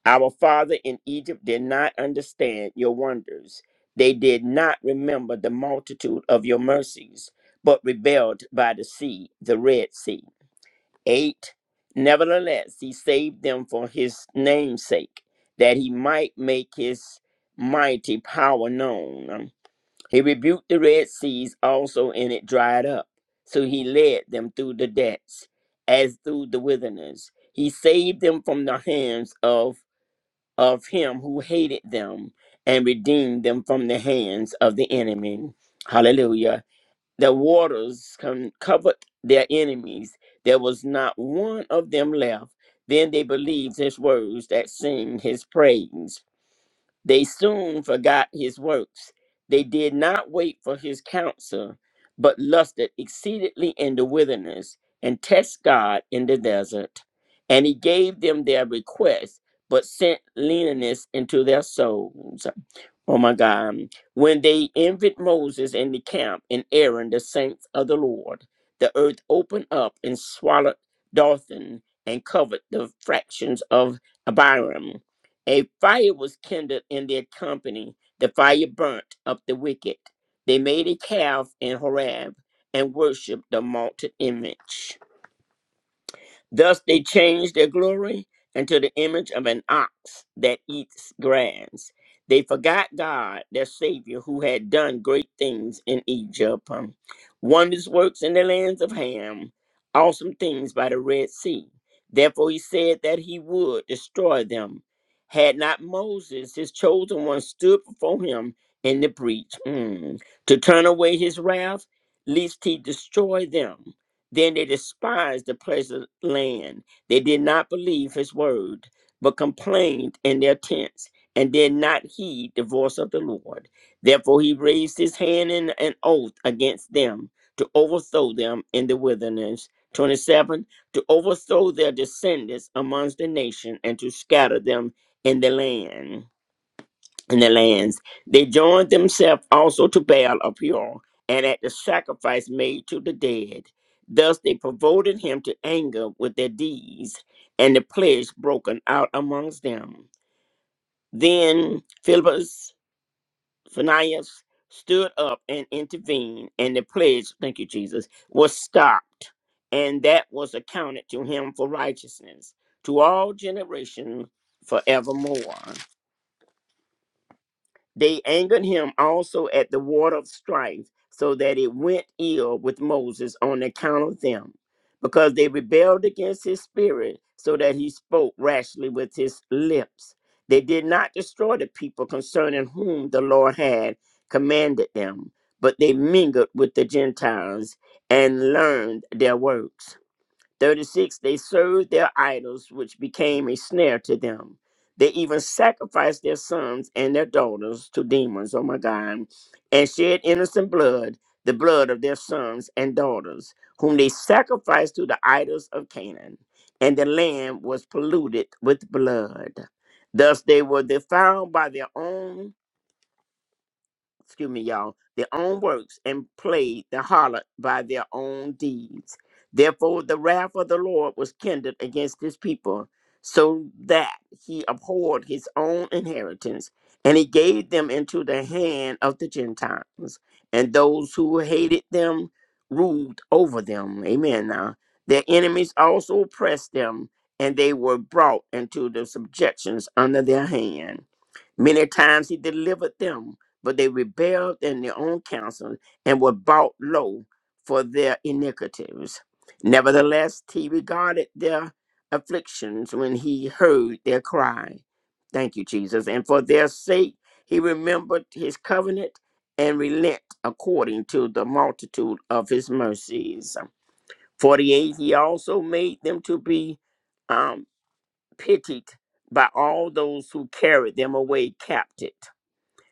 [SPEAKER 5] Our father in Egypt did not understand your wonders. They did not remember the multitude of your mercies, but rebelled by the sea, the Red Sea. 8. Nevertheless, he saved them for his name's sake, that he might make his mighty power known. He rebuked the Red Seas also, and it dried up. So he led them through the depths, as through the wilderness. He saved them from the hands of of him who hated them and redeemed them from the hands of the enemy. Hallelujah. The waters com- covered their enemies. There was not one of them left. Then they believed his words that sing his praise. They soon forgot his works. They did not wait for his counsel, but lusted exceedingly in the wilderness and test God in the desert. And he gave them their request, but sent leanness into their souls. Oh my God. When they envied Moses in the camp and Aaron, the saints of the Lord, the earth opened up and swallowed Dothan and covered the fractions of Abiram a fire was kindled in their company. The fire burnt up the wicked. They made a calf in Horeb and worshipped the molten image. Thus they changed their glory into the image of an ox that eats grass. They forgot God, their Savior, who had done great things in Egypt, um, wondrous works in the lands of Ham, awesome things by the Red Sea. Therefore, he said that he would destroy them. Had not Moses, his chosen one, stood before him in the breach mm, to turn away his wrath, lest he destroy them. Then they despised the pleasant land. They did not believe his word, but complained in their tents and did not heed the voice of the Lord. Therefore, he raised his hand in an oath against them to overthrow them in the wilderness. 27 To overthrow their descendants amongst the nation and to scatter them in the land in the lands. They joined themselves also to Baal of Peor, and at the sacrifice made to the dead. Thus they provoked him to anger with their deeds, and the pledge broken out amongst them. Then Philippus, Phineas stood up and intervened, and the pledge, thank you, Jesus, was stopped, and that was accounted to him for righteousness to all generations forevermore. They angered him also at the water of strife, so that it went ill with Moses on account of them, because they rebelled against his spirit, so that he spoke rashly with his lips. They did not destroy the people concerning whom the Lord had commanded them, but they mingled with the Gentiles and learned their works. 36 They served their idols, which became a snare to them. They even sacrificed their sons and their daughters to demons, oh my God, and shed innocent blood, the blood of their sons and daughters, whom they sacrificed to the idols of Canaan. And the land was polluted with blood. Thus they were defiled by their own excuse me, y'all, their own works and played the harlot by their own deeds. Therefore, the wrath of the Lord was kindled against his people, so that he abhorred his own inheritance, and he gave them into the hand of the Gentiles, and those who hated them ruled over them. Amen. Now, their enemies also oppressed them, and they were brought into the subjections under their hand. Many times he delivered them but they rebelled in their own counsel and were brought low for their iniquities. Nevertheless, he regarded their afflictions when he heard their cry. Thank you, Jesus. And for their sake, he remembered his covenant and relent according to the multitude of his mercies. 48, he also made them to be um, pitied by all those who carried them away captive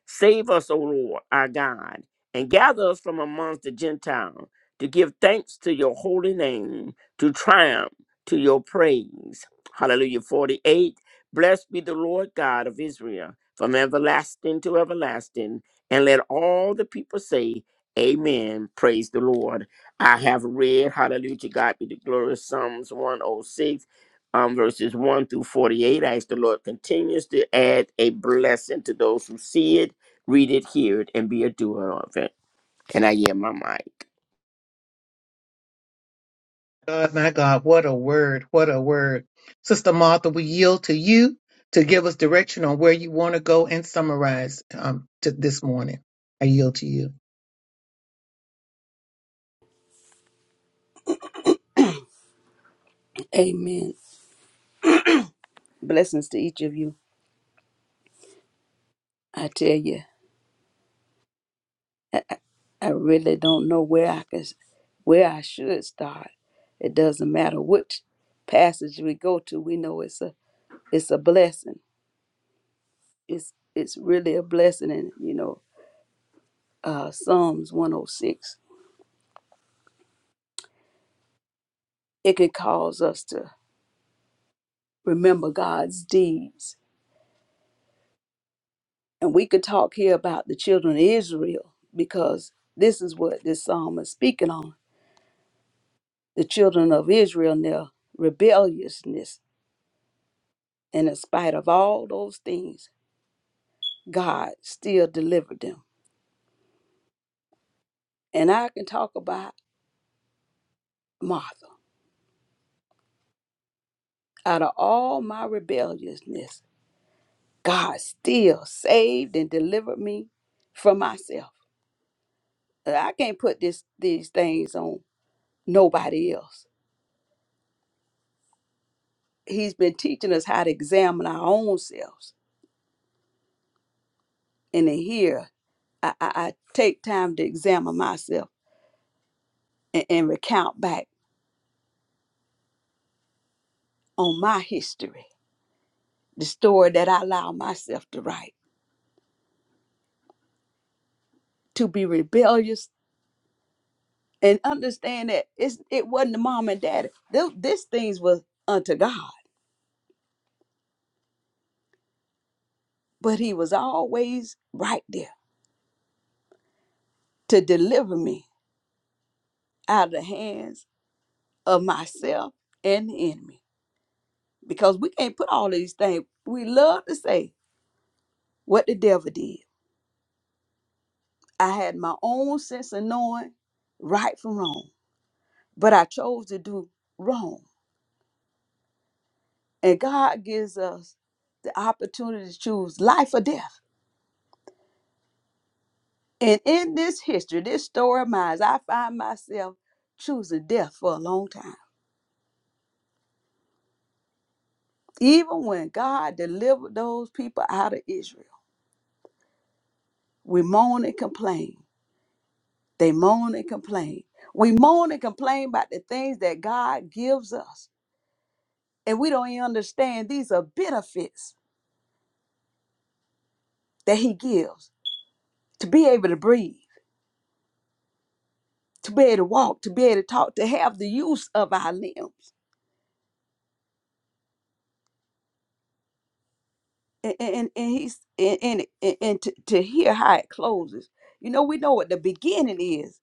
[SPEAKER 5] Save us, O Lord, our God, and gather us from amongst the Gentiles to give thanks to your holy name, to triumph to your praise. Hallelujah. 48. Blessed be the Lord God of Israel from everlasting to everlasting. And let all the people say, Amen. Praise the Lord. I have read, Hallelujah, to God be the glory, Psalms 106, um, verses 1 through 48. I ask the Lord continues to add a blessing to those who see it read it, hear it, and be a doer of it. And I hear my mic.
[SPEAKER 1] God, my God, what a word, what a word. Sister Martha, we yield to you to give us direction on where you want to go and summarize um, to this morning. I yield to you.
[SPEAKER 2] Amen. Blessings to each of you. I tell you, I, I really don't know where I could, where I should start. It doesn't matter which passage we go to. We know it's a it's a blessing. It's it's really a blessing, and you know, uh, Psalms one hundred six. It can cause us to remember God's deeds And we could talk here about the children of Israel because this is what this psalm is speaking on. The children of Israel and their rebelliousness. And in spite of all those things, God still delivered them. And I can talk about Martha. Out of all my rebelliousness, God still saved and delivered me from myself. I can't put this these things on nobody else. He's been teaching us how to examine our own selves and in here, I, I, I take time to examine myself and, and recount back on my history, the story that I allow myself to write, to be rebellious and understand that it's, it wasn't the mom and daddy. Th- This things was unto God, but he was always right there to deliver me out of the hands of myself and the enemy. Because we can't put all these things, we love to say what the devil did I had my own sense of knowing right from wrong, but I chose to do wrong. And God gives us the opportunity to choose life or death. And in this history, this story of mine, I find myself choosing death for a long time. Even when God delivered those people out of Israel, we moan and complain. They moan and complain. We moan and complain about the things that God gives us. And we don't even understand these are benefits that He gives to be able to breathe, to be able to walk, to be able to talk, to have the use of our limbs. And and, and he's and and, and to, to hear how it closes. You know, we know what the beginning is.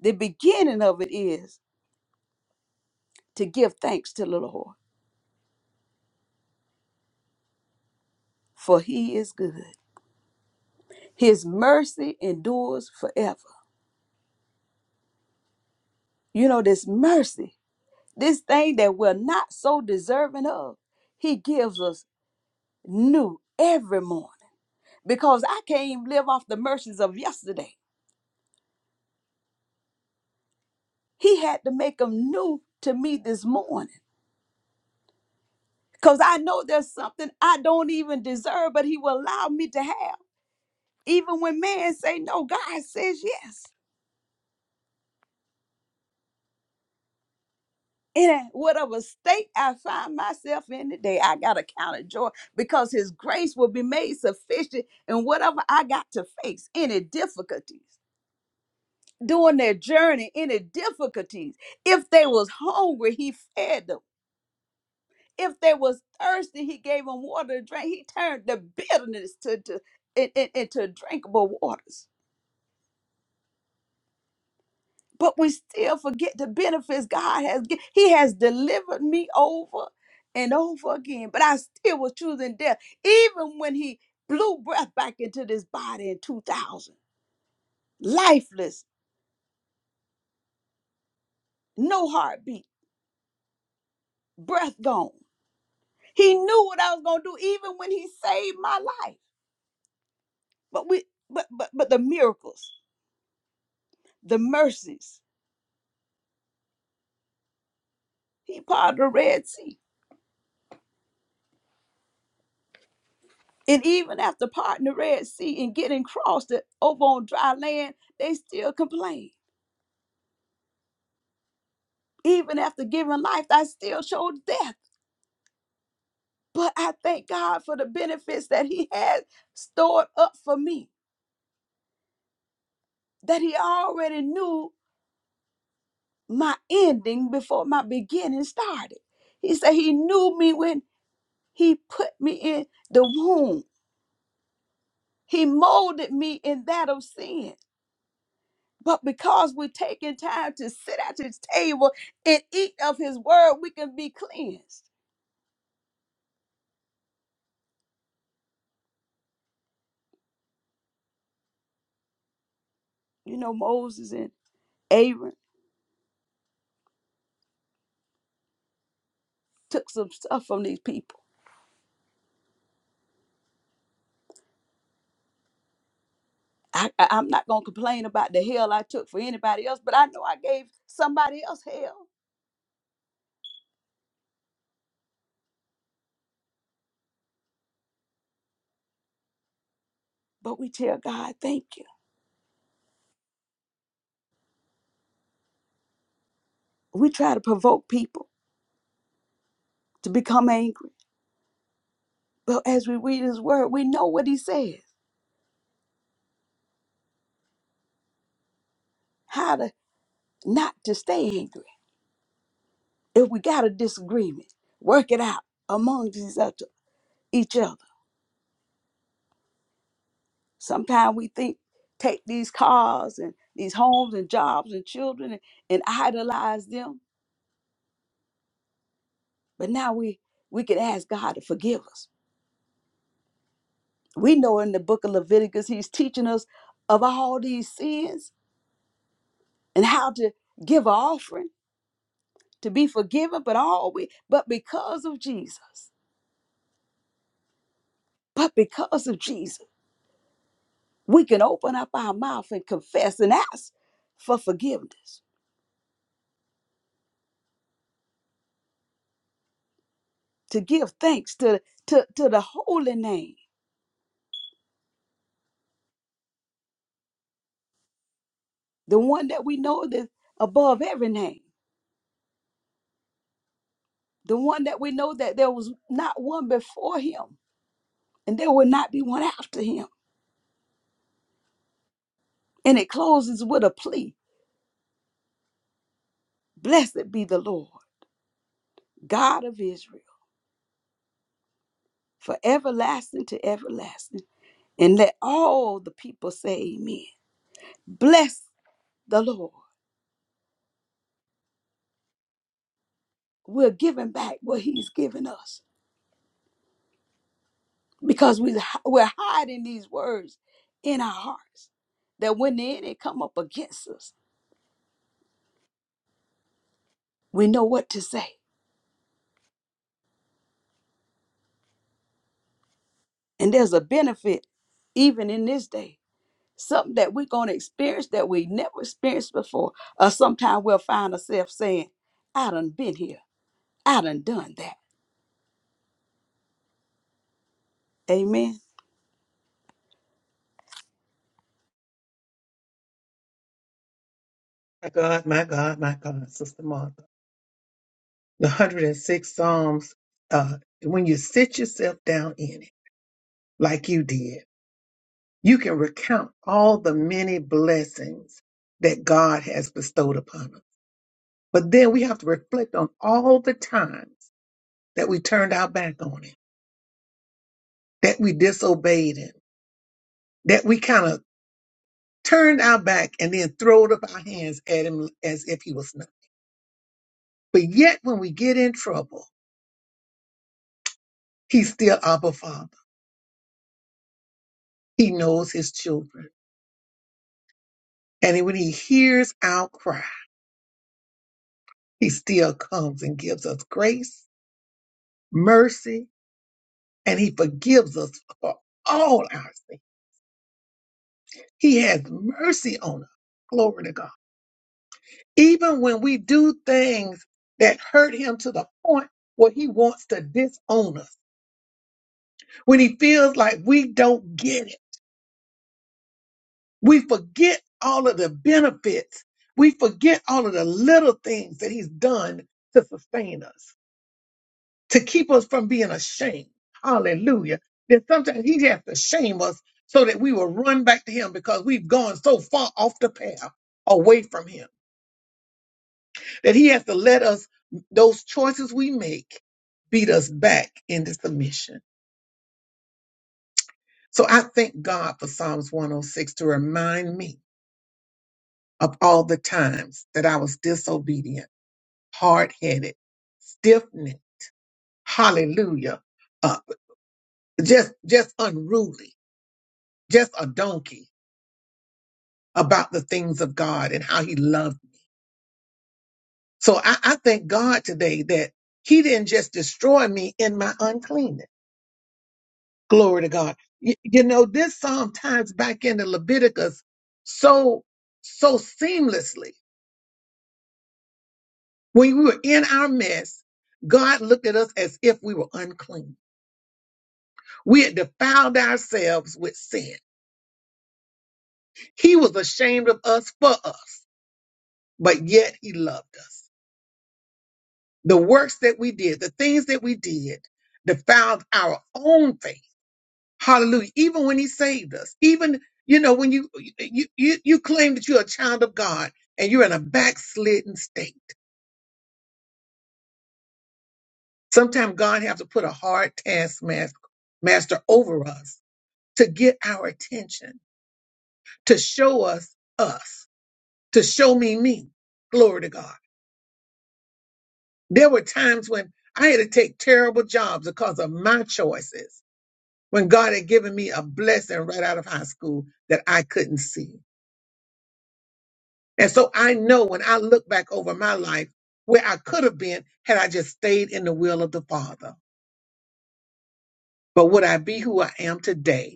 [SPEAKER 2] The beginning of it is to give thanks to the Lord, for he is good. His mercy endures forever. You know, this mercy, this thing that we're not so deserving of, he gives us new every morning. Because I can't even live off the mercies of yesterday. He had to make them new to me this morning because I know there's something I don't even deserve, but He will allow me to have. Even when man say no, God says yes. And whatever state I find myself in today, I got a count of joy because His grace will be made sufficient in whatever I got to face, any difficulties. During their journey, any difficulties. If they was hungry, he fed them. If they was thirsty, he gave them water to drink. He turned the bitterness to, to in- in- into drinkable waters. But we still forget the benefits God has. given. He has delivered me over and over again. But I still was choosing death, even when He blew breath back into this body in 2000, lifeless, no heartbeat, breath gone. He knew what I was gonna do, even when He saved my life. But we, but but but the miracles, the mercies. He parted the Red Sea. And even after parting the Red Sea and getting crossed it over on dry land, they still complained. Even after giving life, I still showed death. But I thank God for the benefits that He had stored up for me, that He already knew my ending before my beginning started. He said He knew me when He put me in the womb, He molded me in that of sin. But because we're taking time to sit at his table and eat of his word, we can be cleansed. You know, Moses and Aaron took some stuff from these people. I, I, I'm not going to complain about the hell I took for anybody else, but I know I gave somebody else hell. But we tell God, thank you. We try to provoke people to become angry. But as we read his word, we know what he says, how to not to stay angry. If we got a disagreement, work it out among these other- each other. Sometimes we think, take these cars and these homes and jobs and children and, and idolize them. But now we we can ask God to forgive us. We know in the book of Leviticus, He's teaching us of all these sins and how to give an offering to be forgiven. But all we, but because of Jesus, but because of Jesus, we can open up our mouth and confess and ask for forgiveness to give thanks to to to the holy name the one that we know that above every name, the one that we know that there was not one before him and there will not be one after him. And it closes with a plea Blessed be the Lord, God of Israel, for everlasting to everlasting. And let all the people say, Amen. Bless the Lord. We're giving back what he's given us because we, we're hiding these words in our hearts that when the enemy come up against us, we know what to say And there's a benefit even in this day. Something that we're going to experience that we never experienced before. Or sometimes we'll find ourselves saying, I done been here. I done done that. Amen.
[SPEAKER 1] My God, my God, my God, Sister Martha. The 106 Psalms, uh, when you sit yourself down in it, like you did, you can recount all the many blessings that God has bestowed upon us. But then we have to reflect on all the times that we turned our back on Him, that we disobeyed Him, that we kind of turned our back and then throwed up our hands at Him as if He was nothing. But yet, when we get in trouble, He's still our Father. He knows his children. And when he hears our cry, he still comes and gives us grace, mercy, and he forgives us for all our sins. He has mercy on us. Glory to God. Even when we do things that hurt him to the point where he wants to disown us, when he feels like we don't get it, we forget all of the benefits, we forget all of the little things that he's done to sustain us. to keep us from being ashamed. Hallelujah. That sometimes he has to shame us so that we will run back to him because we've gone so far off the path away from him that he has to let us, those choices we make, beat us back into submission. So I thank God for Psalms 106 to remind me of all the times that I was disobedient, hard headed, stiff necked, hallelujah, uh, just, just unruly, just a donkey about the things of God and how he loved. me. So I, I thank God today that he didn't just destroy me in my uncleanness. Glory to God. You, you know, this psalm ties back into Leviticus so, so seamlessly. When we were in our mess, God looked at us as if we were unclean. We had defiled ourselves with sin. He was ashamed of us for us, but yet he loved us. the works that we did, the things that we did, defiled our own faith. Hallelujah. Even when he saved us, even, you know, when you, you, you, you claim that you're a child of God and you're in a backslidden state. Sometimes God has to put a hard taskmaster master over us to get our attention, to show us us, to show me me. Glory to God. There were times when I had to take terrible jobs because of my choices when God had given me a blessing right out of high school that I couldn't see. And so I know when I look back over my life where I could have been had I just stayed in the will of the Father. But would I be who I am today?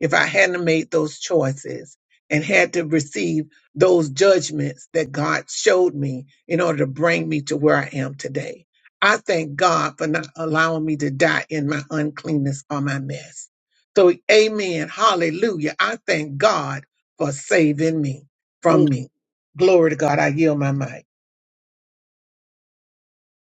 [SPEAKER 1] if I hadn't made those choices and had to receive those judgments that God showed me in order to bring me to where I am today. I thank God for not allowing me to die in my uncleanness or my mess. So, amen. Hallelujah. I thank God for saving me from me. Glory to God. I yield my mic.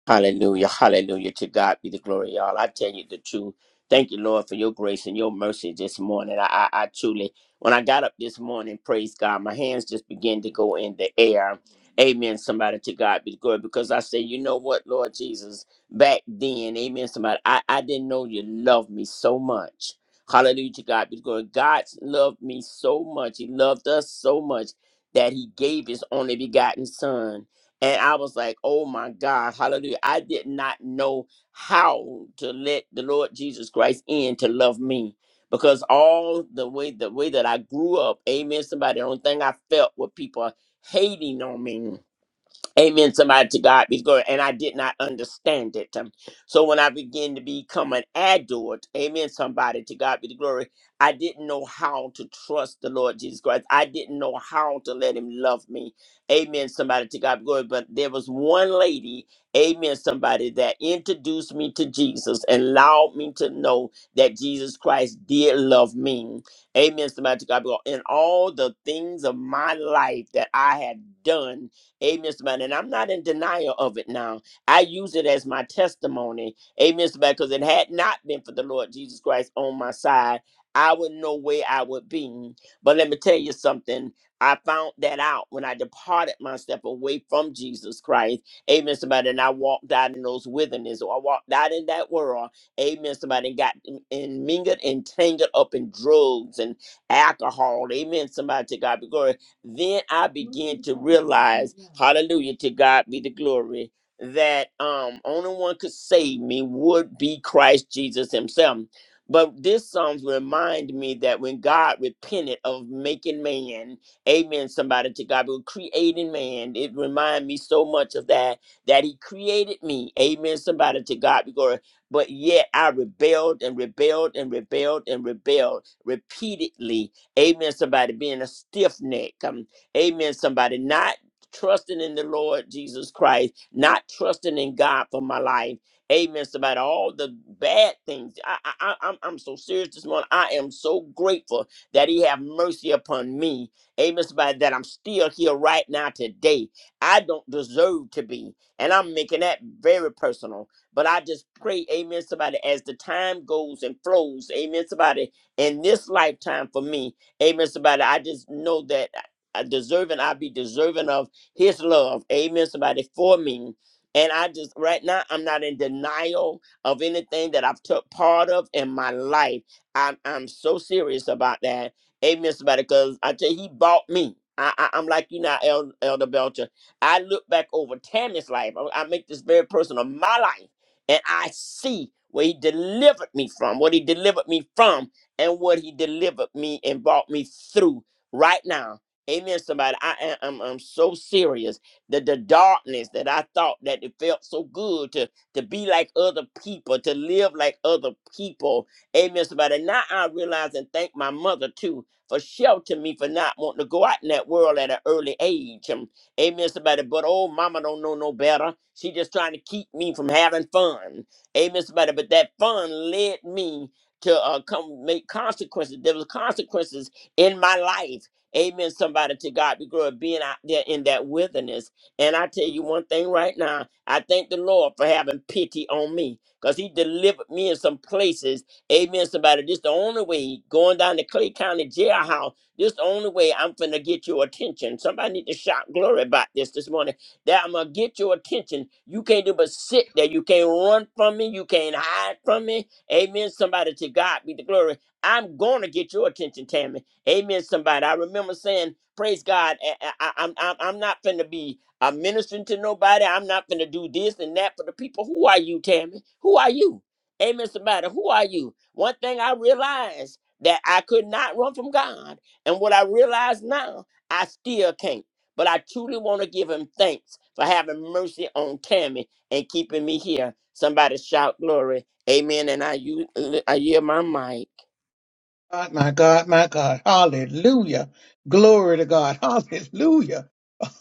[SPEAKER 5] Hallelujah. Hallelujah. To God be the glory, y'all. I tell you the truth. Thank you, Lord, for your grace and your mercy this morning. I, I, I truly, when I got up this morning, praise God, my hands just began to go in the air. Amen. Somebody to God be the glory because I say, you know what, Lord Jesus, back then, amen. Somebody, I, I didn't know you loved me so much. Hallelujah to God be the glory. God loved me so much. He loved us so much that he gave his only begotten son. And I was like, oh my God, hallelujah. I did not know how to let the Lord Jesus Christ in to love me. Because all the way the way that I grew up, amen. Somebody, the only thing I felt were people hating on me. Amen. Somebody to God be the glory. And I did not understand it. Um, So when I began to become an adult, amen. Somebody to God be the glory. I didn't know how to trust the Lord Jesus Christ. I didn't know how to let him love me. Amen. Somebody to God be the glory. But there was one lady, amen, somebody that introduced me to Jesus and allowed me to know that Jesus Christ did love me. Amen. Somebody to God be the glory. In all the things of my life that I had done Amen, Mr. Man. And I'm not in denial of it now. I use it as my testimony. Amen, Mr. Man, because it had not been for the Lord Jesus Christ on my side, I would know where I would be. But let me tell you something. I found that out when I departed myself away from Jesus Christ. Amen, somebody. And I walked out in those wilderness, or I walked out in that world. Amen, somebody. And got in- and mingled and tangled up in drugs and alcohol. Amen, somebody. To God be glory then I began to realize, hallelujah, to God be the glory, that um only one could save me would be Christ Jesus himself. But this Psalms remind me that when God repented of making man, amen, somebody to God, but creating man, it remind me so much of that, that he created me, amen, somebody to God, be glory. But yet I rebelled and rebelled and rebelled and rebelled repeatedly Amen. Somebody being a stiff neck. Um, amen. Somebody not trusting in the Lord Jesus Christ, not trusting in God for my life. Amen. Somebody, all the bad things. I, I, I, I'm, I'm so serious this morning. I am so grateful that He have mercy upon me. Amen. Somebody, that I'm still here right now today. I don't deserve to be, and I'm making that very personal. But I just pray, Amen. Somebody, as the time goes and flows, Amen. Somebody, in this lifetime for me. Amen. Somebody, I just know that I deserving, I'll be deserving of his love. Amen. Somebody for me. And I just right now I'm not in denial of anything that I've took part of in my life. I'm I'm so serious about that. Amen. Somebody, because I tell you, he bought me. I, I, I'm like you now, El- Elder Belcher. I look back over Tammy's life. I, I make this very personal, my life, and I see where he delivered me from, what he delivered me from and what he delivered me and brought me through right now. Amen, somebody. I am I'm, I'm so serious that the darkness that I thought that it felt so good to to be like other people, to live like other people. Amen, somebody. Now I realize and thank my mother too for sheltering me for not wanting to go out in that world at an early age. Um, amen, somebody. But oh, mama don't know no better. She just trying to keep me from having fun. Amen, somebody. But that fun led me to uh, come make consequences. There was consequences in my life. Amen. Somebody to God be glory being out there in that wilderness. And I tell you one thing right now, I thank the Lord for having pity on me because He delivered me in some places. Amen. Somebody, this the only way going down to Clay County jailhouse. This the only way I'm finna get your attention. Somebody need to shout glory about this this morning. That I'm gonna get your attention. You can't do but sit there. You can't run from me. You can't hide from me. Amen. Somebody to God be the glory. I'm going to get your attention, Tammy. Amen. Somebody. I remember saying, praise God. I, I, I'm, I'm I'm not finna be a ministering to nobody. I'm not finna do this and that for the people. Who are you, Tammy? Who are you? Amen. Somebody. Who are you? One thing I realized that I could not run from God. And what I realize now, I still can't. But I truly want to give him thanks for having mercy on Tammy and keeping me here. Somebody shout glory. Amen. And I, you, I yield my mic.
[SPEAKER 1] God, my God, my God. Hallelujah. Glory to God. Hallelujah.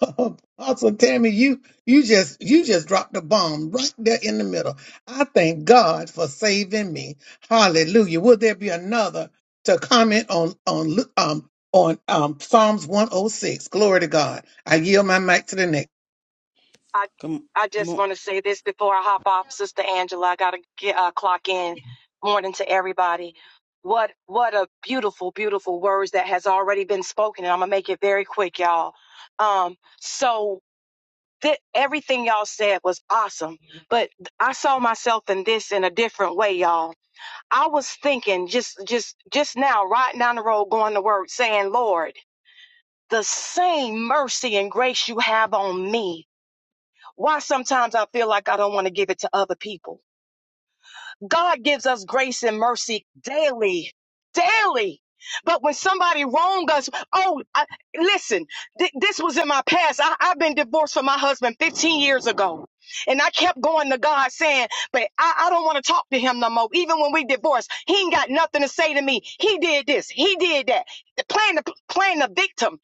[SPEAKER 1] Apostle Tammy, you you just you just dropped the bomb right there in the middle. I thank God for saving me. Hallelujah. Will there be another to comment on on Lu- um on um Psalms 106? Glory to God. I yield my mic to the next.
[SPEAKER 3] I
[SPEAKER 6] Good,
[SPEAKER 3] I just
[SPEAKER 6] mo-
[SPEAKER 3] want to say this before I hop off, Sister Angela. I gotta get uh, clock in. Morning to everybody. What what a beautiful, beautiful words that has already been spoken, and I'm gonna make it very quick, y'all. Um, so th- everything y'all said was awesome, but I saw myself in this in a different way, y'all. I was thinking just just just now, right down the road, going to work, saying, Lord, the same mercy and grace you have on me. Why sometimes I feel like I don't want to give it to other people. God gives us grace and mercy daily, daily. But when somebody wrong us, oh, I, listen, th- this was in my past. I, I've been divorced from my husband 15 years ago. And I kept going to God saying, but I, I don't want to talk to him no more. Even when we divorced, he ain't got nothing to say to me. He did this. He did that. Playing the, playing the victim.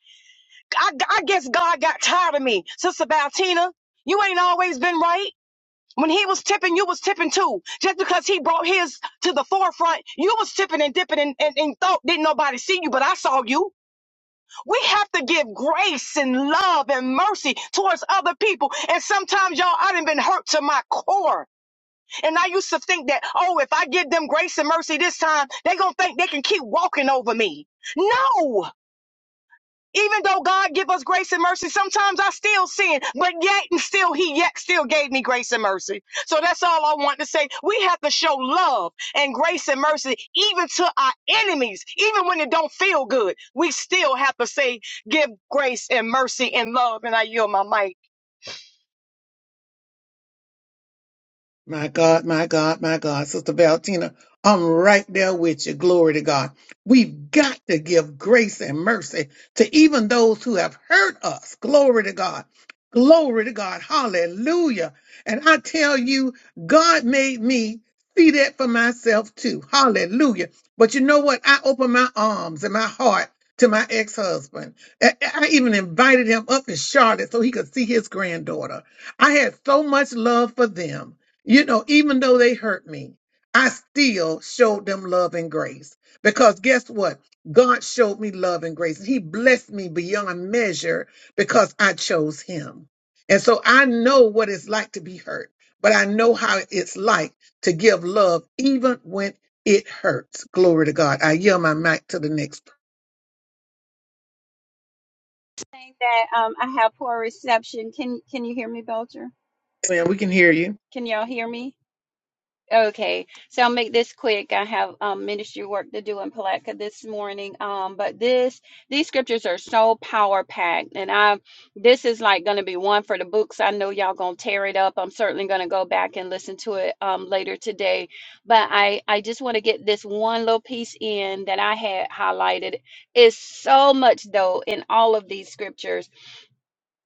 [SPEAKER 3] I, I guess God got tired of me. Sister Valtina, you ain't always been right. When he was tipping, you was tipping too. Just because he brought his to the forefront, you was tipping and dipping and, and, and thought didn't nobody see you, but I saw you. We have to give grace and love and mercy towards other people. And sometimes, y'all, I done been hurt to my core. And I used to think that, oh, if I give them grace and mercy this time, they gonna think they can keep walking over me. No! Even though God give us grace and mercy, sometimes I still sin, but yet and still he yet still gave me grace and mercy. So that's all I want to say. We have to show love and grace and mercy even to our enemies, even when it don't feel good. We still have to say, give grace and mercy and love. And I yield my mic.
[SPEAKER 1] My God, my God, my God. Sister Valentina, I'm right there with you. Glory to God. We've got to give grace and mercy to even those who have hurt us. Glory to God. Glory to God. Hallelujah. And I tell you, God made me see that for myself too. Hallelujah. But you know what? I opened my arms and my heart to my ex husband. I I even invited him up in Charlotte so he could see his granddaughter. I had so much love for them. You know, even though they hurt me, I still showed them love and grace. Because guess what? God showed me love and grace. He blessed me beyond measure because I chose Him. And so I know what it's like to be hurt, but I know how it's like to give love even when it hurts. Glory to God. I yell my mic to the next
[SPEAKER 4] saying that um, I have poor reception. Can can you hear me, Belcher?
[SPEAKER 1] person. Man, We can hear you.
[SPEAKER 4] Can y'all hear me? Okay, so I'll make this quick. I have um, ministry work to do in Palatka this morning. Um, but this these scriptures are so power packed, and I this is like going to be one for the books. I know y'all gonna tear it up. I'm certainly gonna go back and listen to it um, later today. But I I just want to get this one little piece in that I had highlighted. It's so much though in all of these scriptures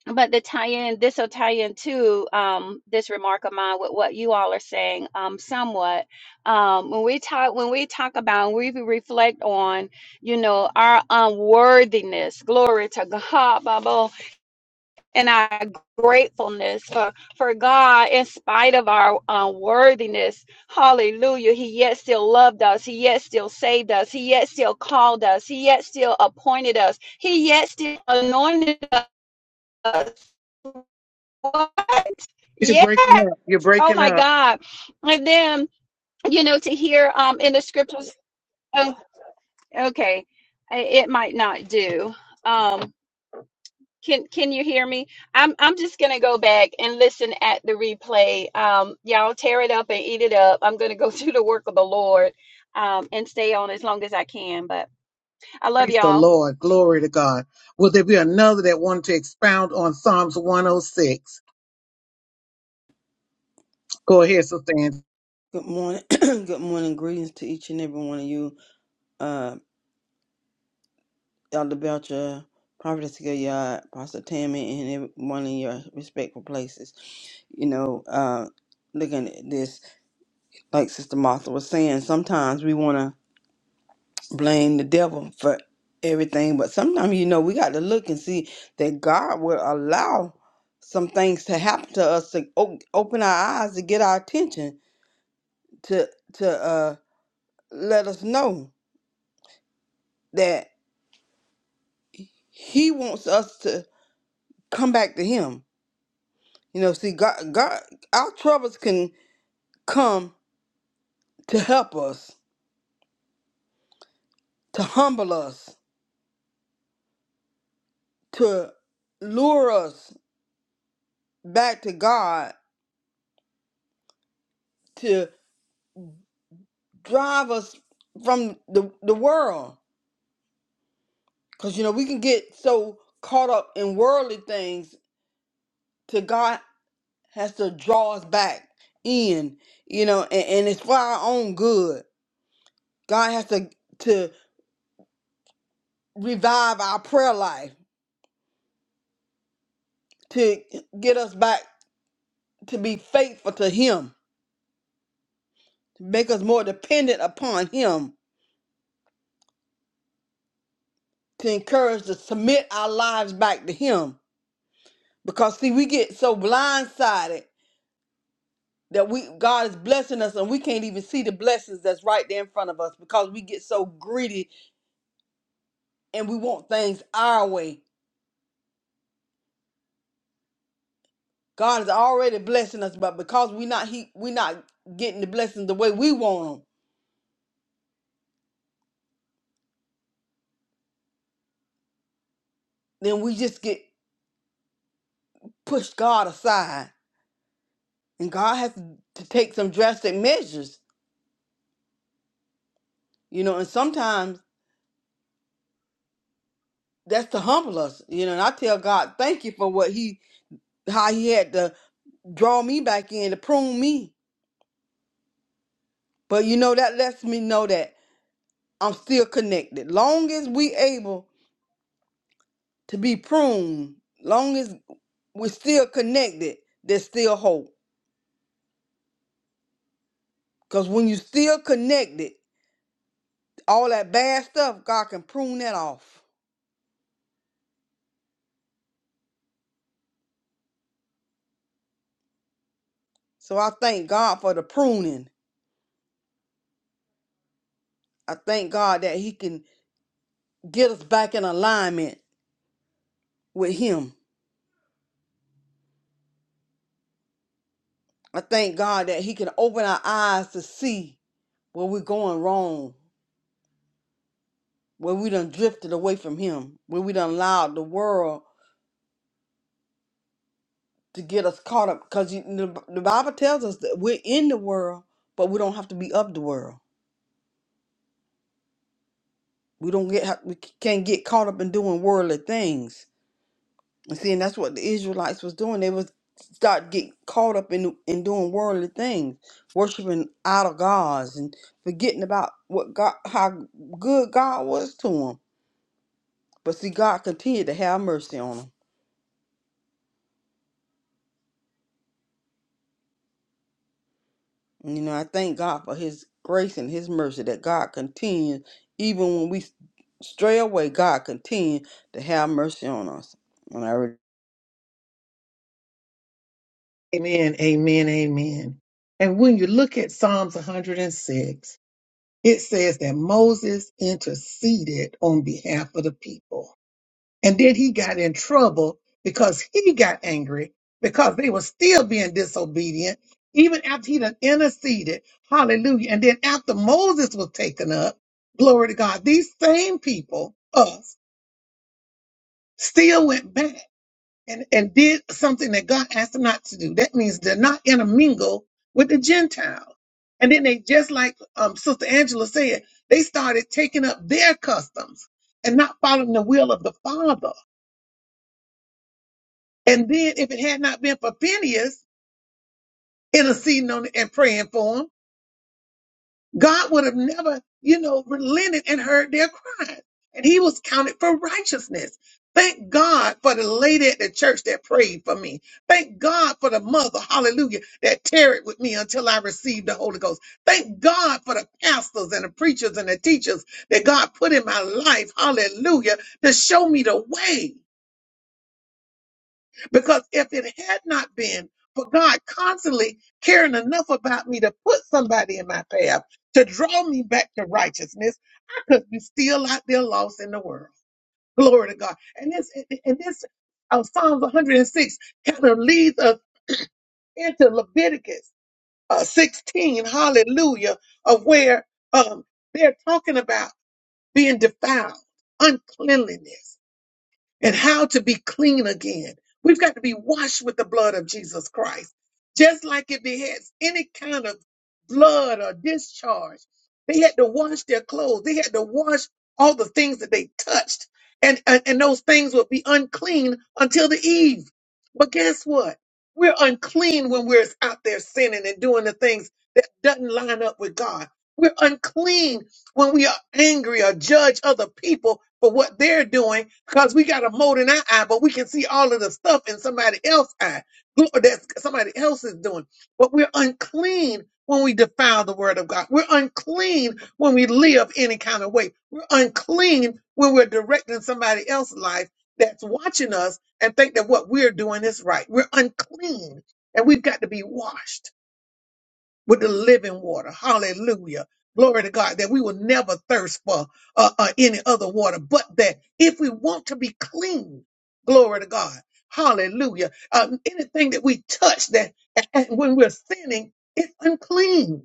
[SPEAKER 4] but the tie-in this will tie into um, this remark of mine with what you all are saying um, somewhat um, when we talk when we talk about when we reflect on you know our unworthiness glory to god Bible, and our gratefulness for for god in spite of our unworthiness hallelujah he yet still loved us he yet still saved us he yet still called us he yet still appointed us he yet still anointed us what?
[SPEAKER 1] You're
[SPEAKER 4] Yes.
[SPEAKER 1] breaking up. You're
[SPEAKER 4] Oh
[SPEAKER 1] breaking
[SPEAKER 4] my
[SPEAKER 1] up.
[SPEAKER 4] God. And then, you know, to hear um in the scriptures. Oh, okay. It might not do. Um, can can you hear me? I'm I'm just gonna go back and listen at the replay. Um, y'all tear it up and eat it up. I'm gonna go do the work of the Lord um and stay on as long as I can. But I love
[SPEAKER 1] Praise the
[SPEAKER 4] y'all.
[SPEAKER 1] Lord. Glory to God. Will there be another that wanted to expound on Psalms 106? Go ahead, Sister Ann.
[SPEAKER 6] good morning. good morning. Greetings to each and every one of you. Uh, Elder Belcher, Prophetess Gilliard, Pastor Tammy, and every one in your respectful places. You know, uh, looking at this, like Sister Martha was saying, sometimes we want to blame the devil for everything, but sometimes, you know, we got to look and see that God will allow some things to happen to us to o- open our eyes to get our attention to to uh let us know that. he wants us to come back to him. You know, see, God, God, our troubles can come to help us, to humble us, to lure us back to God, to drive us from the, the world. Because, you know, we can get so caught up in worldly things to God has to draw us back in, you know, and, and it's for our own good. God has to, to revive our prayer life to get us back to be faithful to Him, to make us more dependent upon Him, to encourage to submit our lives back to Him. Because see, we get so blindsided that we God is blessing us and we can't even see the blessings that's right there in front of us because we get so greedy and we want things our way. God is already blessing us, but because we're not he, we're not getting the blessings the way we want them, then we just get pushed God aside And God has to take some drastic measures, you know, and sometimes that's to humble us, you know. And I tell God, thank you for what He, how He had to draw me back in to prune me. But you know, that lets me know that I'm still connected. Long as we able to be pruned, long as we're still connected, there's still hope. Because when you still connected, all that bad stuff, God can prune that off. So I thank God for the pruning. I thank God that He can get us back in alignment with Him. I thank God that He can open our eyes to see where we're going wrong, where we done drifted away from Him, where we done allowed the world to get us caught up. Because the the Bible tells us that we're in the world, but we don't have to be of the world. We don't get ha- we can't get caught up in doing worldly things. And See, and that's what the Israelites was doing. They was start get caught up in in doing worldly things, worshiping idol gods, and forgetting about what God, how good God was to them. But see, God continued to have mercy on them. And, You know, I thank God for His grace and His mercy that God continues, even when we stray away, God continues to have mercy on us. And I re-
[SPEAKER 1] Amen, amen, amen. And when you look at Psalms 106, it says that Moses interceded on behalf of the people. And then he got in trouble because he got angry because they were still being disobedient, even after he done interceded. Hallelujah. And then after Moses was taken up, glory to God, these same people, us, still went back and, and did something that God asked them not to do. That means they're not intermingle with the Gentiles. And then they, just like um, Sister Angela said, they started taking up their customs and not following the will of the Father. And then if it had not been for Phineas interceding on it and praying for him, God would have never, you know, relented and heard their cries. And he was counted for righteousness. Thank God for the lady at the church that prayed for me. Thank God for the mother, hallelujah, that tarried with me until I received the Holy Ghost. Thank God for the pastors and the preachers and the teachers that God put in my life, hallelujah, to show me the way. Because if it had not been for God constantly caring enough about me to put somebody in my path to draw me back to righteousness, I could be still out there lost in the world. Glory to God. And this, and this uh, Psalms 106 kind of leads us into Leviticus uh, 16, hallelujah, of where um, they're talking about being defiled, uncleanliness and how to be clean again. We've got to be washed with the blood of Jesus Christ. Just like if they had any kind of blood or discharge, they had to wash their clothes. They had to wash all the things that they touched. And, and, and those things would be unclean until the eve. But guess what? We're unclean when we're out there sinning and doing the things that doesn't line up with God. We're unclean when we are angry or judge other people for what they're doing because we got a mold in our eye, but we can see all of the stuff in somebody else's eye that somebody else is doing. But we're unclean when we defile the word of God. We're unclean when we live any kind of way. We're unclean when we're directing somebody else's life that's watching us and think that what we're doing is right. We're unclean and we've got to be washed with the living water. Hallelujah. Glory to God that we will never thirst for uh, uh, any other water, but that if we want to be clean, glory to God, hallelujah. Um, anything that we touch that and when we're sinning, it's unclean.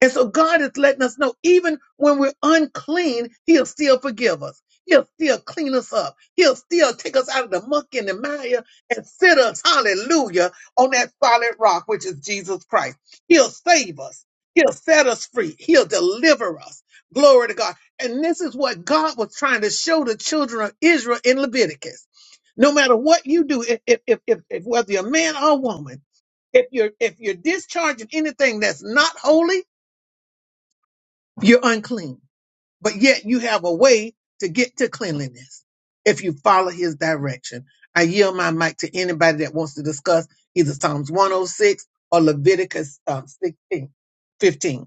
[SPEAKER 1] And so God is letting us know even when we're unclean, He'll still forgive us. He'll still clean us up. He'll still take us out of the muck and the mire and sit us, hallelujah, on that solid rock, which is Jesus Christ. He'll save us. He'll set us free. He'll deliver us. Glory to God. And this is what God was trying to show the children of Israel in Leviticus. No matter what you do, if, if, if, if if whether you're a man or a woman, if you're, if you're discharging anything that's not holy, you're unclean, but yet you have a way to get to cleanliness if you follow his direction. I yield my mic to anybody that wants to discuss either Psalms 106 or Leviticus um, 16, fifteen.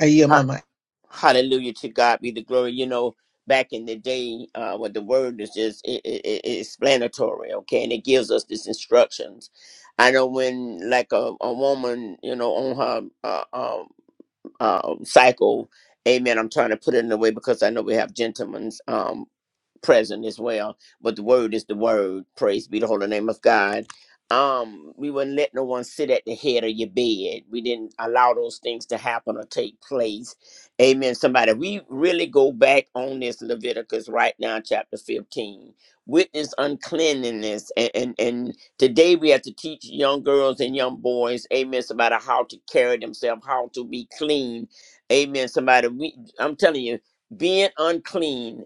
[SPEAKER 1] I yield my
[SPEAKER 5] Ha-
[SPEAKER 1] mic.
[SPEAKER 5] Hallelujah to God be the glory. You know, back in the day, uh, what the word is just it, it, it- it's explanatory, okay, and it gives us these instructions. I know when, like a, a woman, you know, on her uh, um, um, cycle, amen. I'm trying to put it in a way because I know we have gentlemen's. um, present as well. But the word is the word. Praise be the holy name of God. Um, we wouldn't let no one sit at the head of your bed. We didn't allow those things to happen or take place. Amen. Somebody, we really go back on this Leviticus right now, chapter 15. Witness uncleanliness. And, and and today we have to teach young girls and young boys, amen, somebody how to carry themselves, how to be clean. Amen. Somebody, we I'm telling you being unclean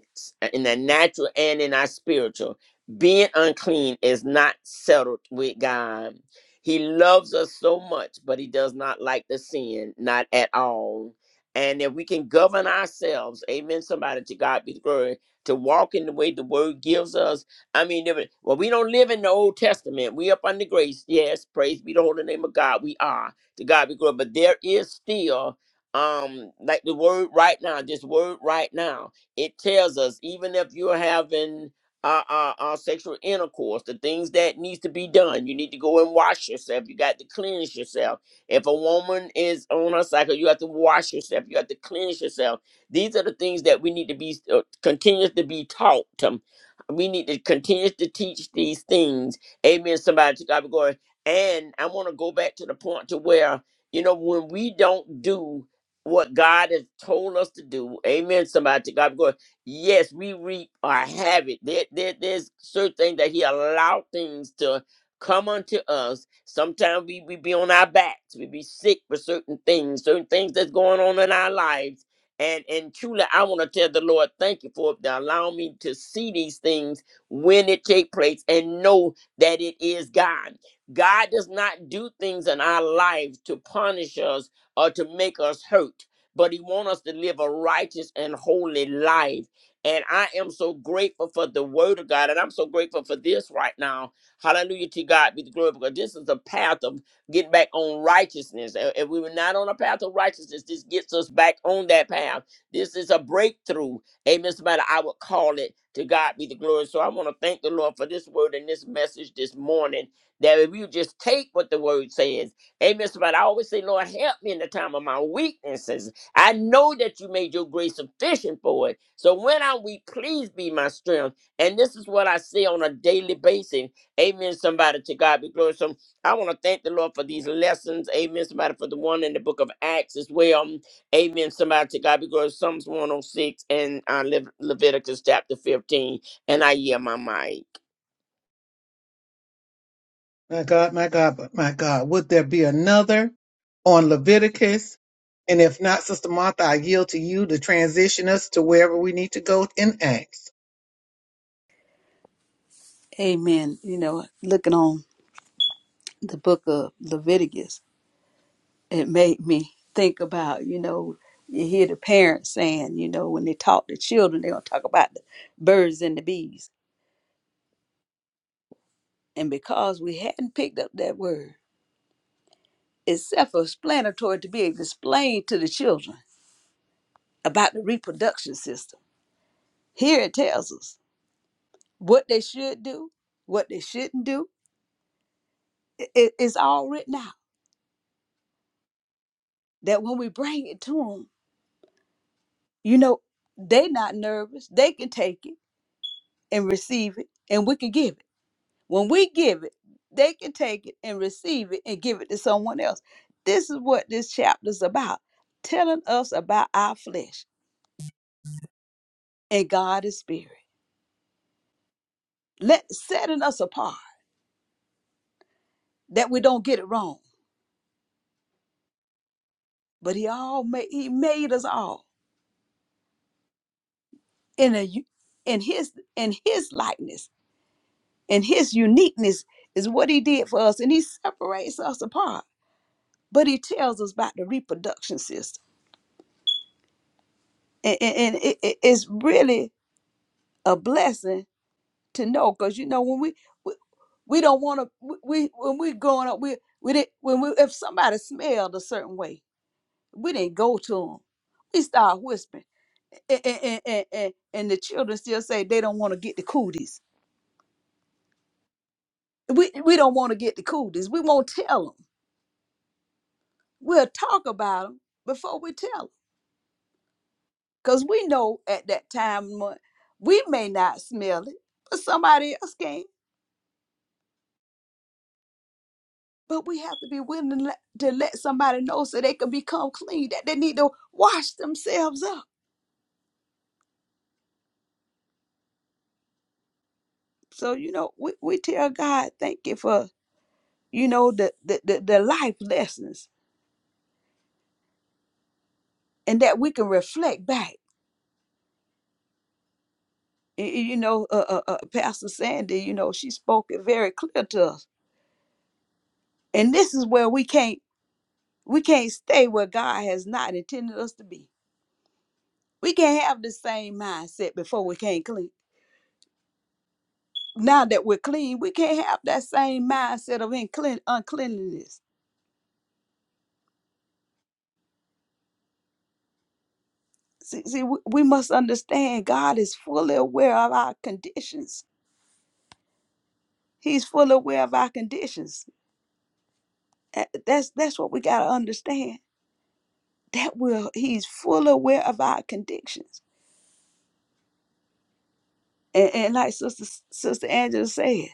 [SPEAKER 5] in the natural and in our spiritual being unclean is not settled with god he loves us so much but he does not like the sin not at all and if we can govern ourselves amen somebody to god be the glory to walk in the way the word gives us i mean if it- well we don't live in the old testament we up under grace yes praise be the holy name of god we are to god be glory but there is still um like the word right now this word right now it tells us even if you're having uh, uh uh sexual intercourse the things that needs to be done you need to go and wash yourself you got to cleanse yourself if a woman is on her cycle you have to wash yourself you have to cleanse yourself these are the things that we need to be uh, continuous to be taught um, we need to continue to teach these things amen somebody to god be glory and i want to go back to the point to where you know when we don't do what God has told us to do. Amen. Somebody to God be glory. Yes, we reap our habit. There, there, there's certain things that He allowed things to come unto us. Sometimes we, we be on our backs. We be sick for certain things, certain things that's going on in our lives. And and truly, I want to tell the Lord, thank you for allowing me to see these things when it take place and know that it is God. God does not do things in our lives to punish us or to make us hurt, but He wants us to live a righteous and holy life. And I am so grateful for the word of God. And I'm so grateful for this right now. Hallelujah to God be the glory. Because this is a path of getting back on righteousness. Uh, If we were not on a path of righteousness, this gets us back on that path. This is a breakthrough. Amen. Somebody, I would call it to God be the glory. So I want to thank the Lord for this word and this message this morning. That if you just take what the word says, Amen. So, But I always say, Lord, help me in the time of my weaknesses. I know that you made your grace sufficient for it. So when I'm weak, please be my strength. And this is what I say on a daily basis. Amen. Somebody to God be glory. So I want to thank the Lord for these lessons. Amen. Somebody for the one in the book of Acts as well. Amen. Somebody to God be glory. Psalms 106 and uh, Le- Leviticus chapter 15. And I hear my mic.
[SPEAKER 1] My God, my God, but my God, would there be another on Leviticus? And if not, Sister Martha, I yield to you to transition us to wherever we need to go in Acts.
[SPEAKER 2] Amen. You know, looking on the book of Leviticus, it made me think about, you know, you hear the parents saying, you know, when they talk to children, they're going to talk about the birds and the bees. And because we hadn't picked up that word, it's self explanatory to be explained to the children about the reproduction system. Here it tells us what they should do, what they shouldn't do. I- i- it's all written out that when we bring it to them, you know, they not nervous. They can take it and receive it, and we can give it When we give it, they can take it and receive it and give it to someone else. This is what this chapter is about telling us about our flesh and God is spirit. Let setting us apart that we don't get it wrong. But he all made he made us all in a u- in his in his likeness and his uniqueness is what he did for us and he separates us apart. But he tells us about the reproduction system. And, and, and it, it- it's really a blessing to know because you know when we we, we don't want to we we- when we growing up we we did when we if somebody smelled a certain way we didn't go to them we start whispering and and, and, and, and the children still say they don't want to get the cooties we we don't want to get the cooties we won't tell them we'll talk about them before we tell them because we know at that time mo- we may not smell it but somebody else can But we have to be willing to let, to let somebody know so they can become clean, that they need to wash themselves up. So, you know, we, we tell God, thank you for, you know, the, the, the, the life lessons and that we can reflect back. Y- y- You know, uh, uh, uh, Pastor Sandy, you know, she spoke it very clear to us. And this is where we can't we can't stay where God has not intended us to be. We can't have the same mindset before we can't clean. now that we're clean, we can't have that same mindset of unclean, uncleanliness. See, see we, we must understand God is fully aware of our conditions. He's fully aware of our conditions. A- That's that's what we gotta understand. That will He's fully aware of our conditions. And, and like Sister Sister Angela said,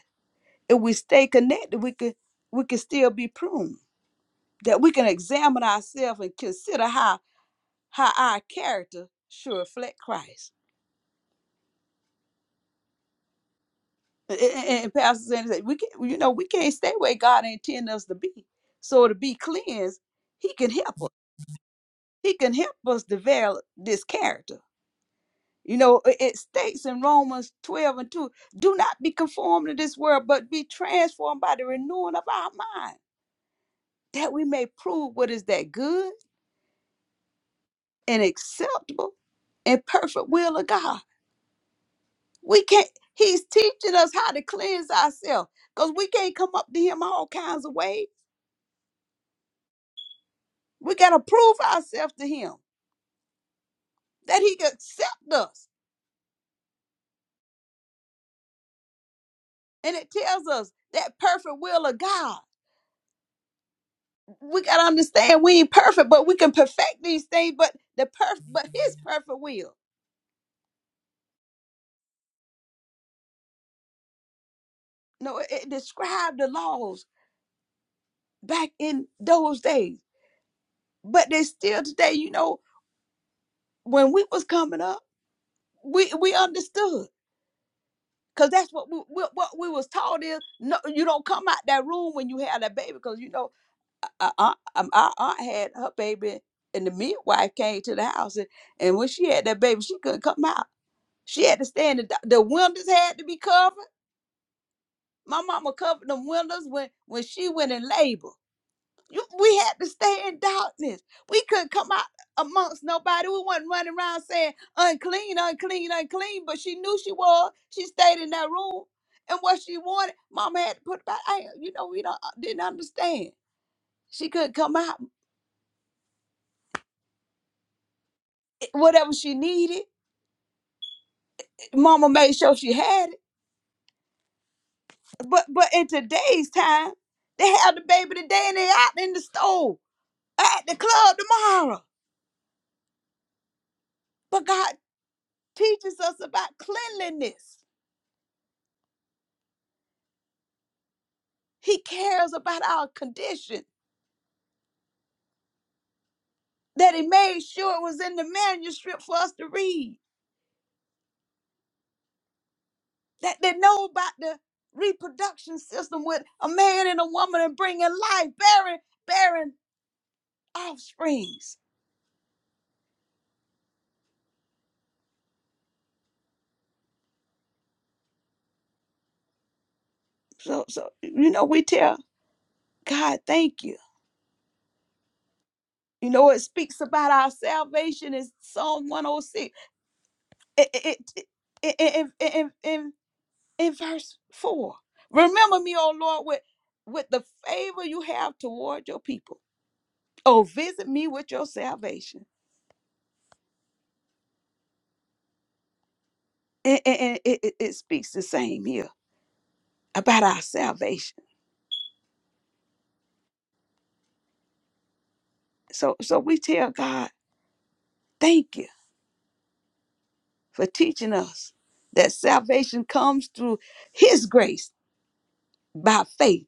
[SPEAKER 2] if we stay connected, we could we can still be pruned. That we can examine ourselves and consider how how our character should reflect Christ And, and, and Pastor Sandy said, "We can, you know, we can't stay where God intended us to be. So to be cleansed, He can help us. He can help us develop this character. You know, it it states in Romans twelve and two: Do not be conformed to this world, but be transformed by the renewing of our mind, that we may prove what is that good and acceptable and perfect will of God. We can't. He's teaching us how to cleanse ourselves because we can't come up to Him all kinds of ways We got to prove ourselves to him that he can accept us. And it tells us that perfect will of God. We got to understand we ain't perfect, but we can perfect these things, but the perfect but his perfect will. No, it, it described the laws back in those days. But they still today, you know, when we was coming up, we we understood because that's what we, we what we was taught is no, you don't come out that room when you have that baby because you know our aunt, um, our aunt had her baby, and the midwife came to the house, and, and when she had that baby, she couldn't come out. She had to stay in the do- the windows had to be covered. My mama covered them windows when when she went in labor. You, we had to stay in darkness. We couldn't come out amongst nobody. We wasn't running around saying unclean, unclean, unclean. But she knew she was. She stayed in that room, and what she wanted, Mama had to put about. I, you know, we don't uh, didn't understand. She couldn't come out. Whatever she needed. Mama made sure she had it. But but in today's time, they have the baby today and they out in the store, at the club tomorrow. But God teaches us about cleanliness. He cares about our condition. That he made sure it was in the manuscript for us to read. That they know about the reproduction system with a man and a woman and bringing life, bearing, bearing offsprings. So so you know we tell God thank you You know, it speaks about our salvation in Psalm 106 it, it, it, it- in, in, in, in verse 4. Remember me, O Lord, with, with the favor you have toward your people. Oh, visit me with your salvation. And, and- and it, it, it speaks the same here about our salvation. So, so we tell God, thank you for teaching us that salvation comes through his grace by faith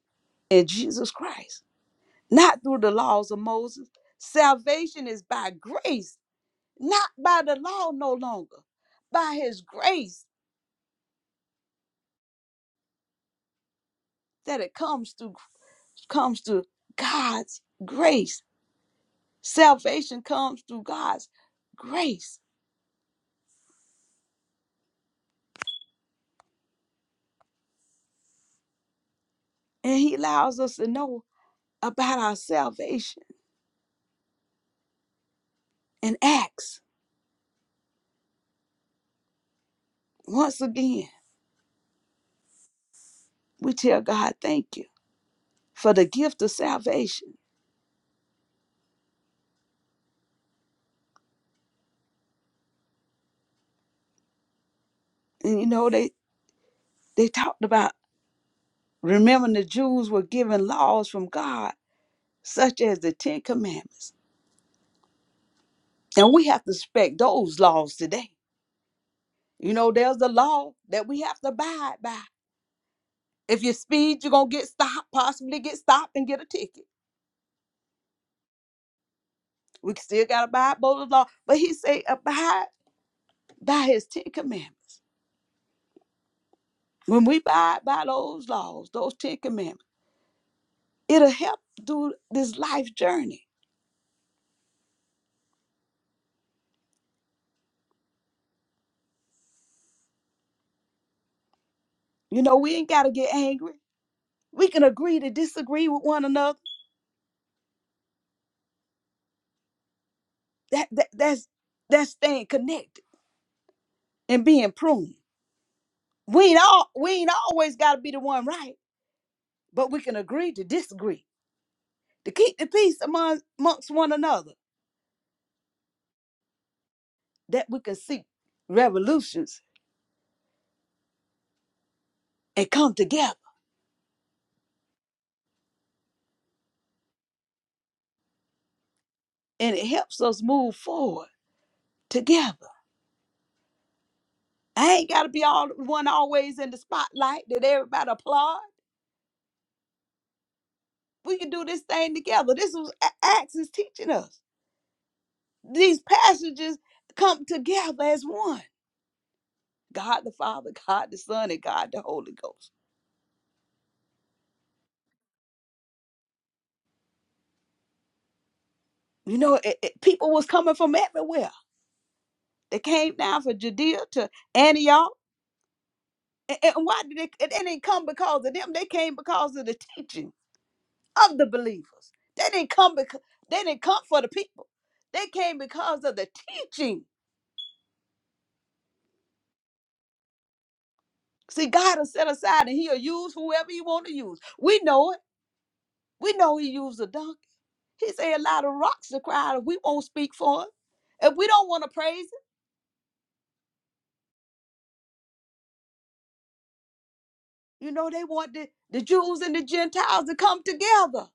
[SPEAKER 2] in Jesus Christ. not through the laws of Moses. Salvation is by grace, not by the law no longer. By his grace that it comes through comes through God's grace. Salvation comes through God's grace. And he allows us to know about our salvation and acts. Once again, we tell God thank you for the gift of salvation. And you know, they they talked about remembering the Jews were given laws from God such as the Ten Commandments. And we have to respect those laws today. You know, there's a law that we have to abide by. If you speed, you're gonna get stopped, possibly get stopped and get a ticket. We still gotta abide by the law. But he say abide by his Ten Commandments. When we abide by those laws, those Ten Commandments, it'll help do this life journey. You know, we ain't gotta get angry. We can agree to disagree with one another. That, that that's that's staying connected and being pruned. We ain't all we ain't always got to be the one right, but we can agree to disagree to keep the peace among amongst one another. That we can seek revolutions and come together, and it helps us move forward together. I ain't got to be all one always in the spotlight that everybody applaud. We can do this thing together. This was Acts is teaching us. These passages come together as one. God the Father, God the Son, and God the Holy Ghost. You know, it, it- people was coming from everywhere They came down from Judea to Antioch. And, and why did they? It, didn't come because of them. They came because of the teaching of the believers. They didn't come because they didn't come for the people. They came because of the teaching. See, God will set aside and He'll use whoever He want to use. We know it. We know He used a donkey. He said a lot of rocks to cry out. If we won't speak for Him, if we don't want to praise Him, you know they want the, the Jews and the Gentiles to come together.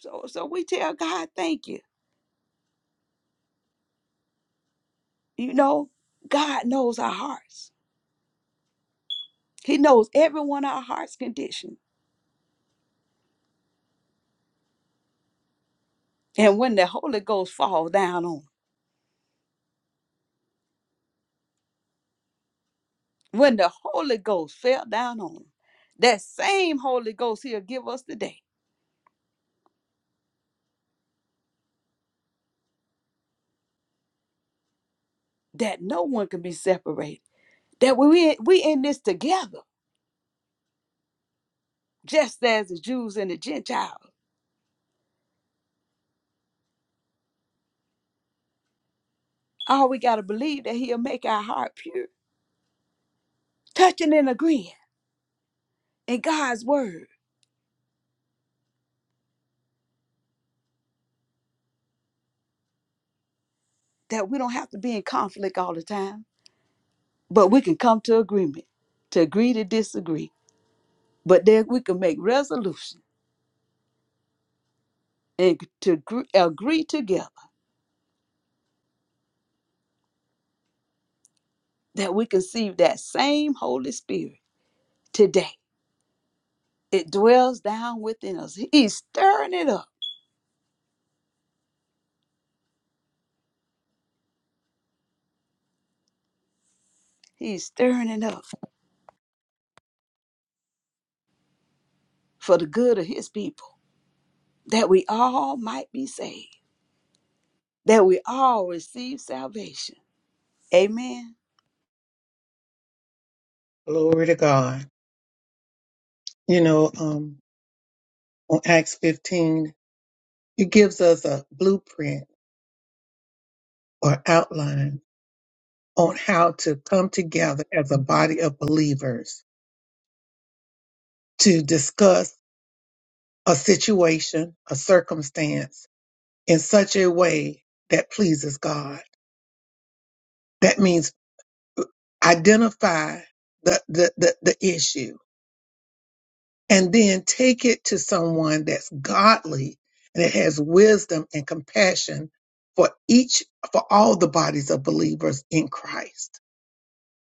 [SPEAKER 2] So, so we tell God, thank you. You know, God knows our hearts. He knows every one of our hearts' condition. And when the Holy Ghost fall down on 'em, when the Holy Ghost fell down on 'em, that same Holy Ghost he'll give us today, that no one can be separated. That we we in this together, just as the Jews and the Gentiles. All we gotta believe that he'll make our heart pure, touching and agreeing in God's word. That we don't have to be in conflict all the time, but we can come to agreement, to agree to disagree but that we can make resolution and to agree, agree together that we can see that same Holy Spirit today. It dwells down within us. He's stirring it up. He's stirring it up for the good of his people, that we all might be saved, that we all receive salvation. Amen.
[SPEAKER 1] Glory to God. You know, um, on Acts 15. It gives us a blueprint or outline on how to come together as a body of believers to discuss a situation, a circumstance in such a way that pleases God. That means identify the, the, the, the issue and then take it to someone that's godly and that has wisdom and compassion for each, for all the bodies of believers in Christ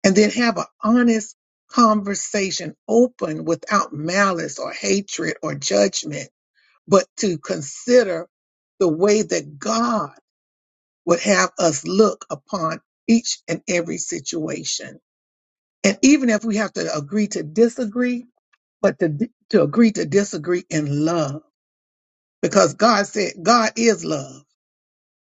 [SPEAKER 1] and then have an honest conversation open without malice or hatred or judgment, but to consider the way that God would have us look upon each and every situation. And even if we have to agree to disagree, but to, to agree to disagree in love, because God said God is love.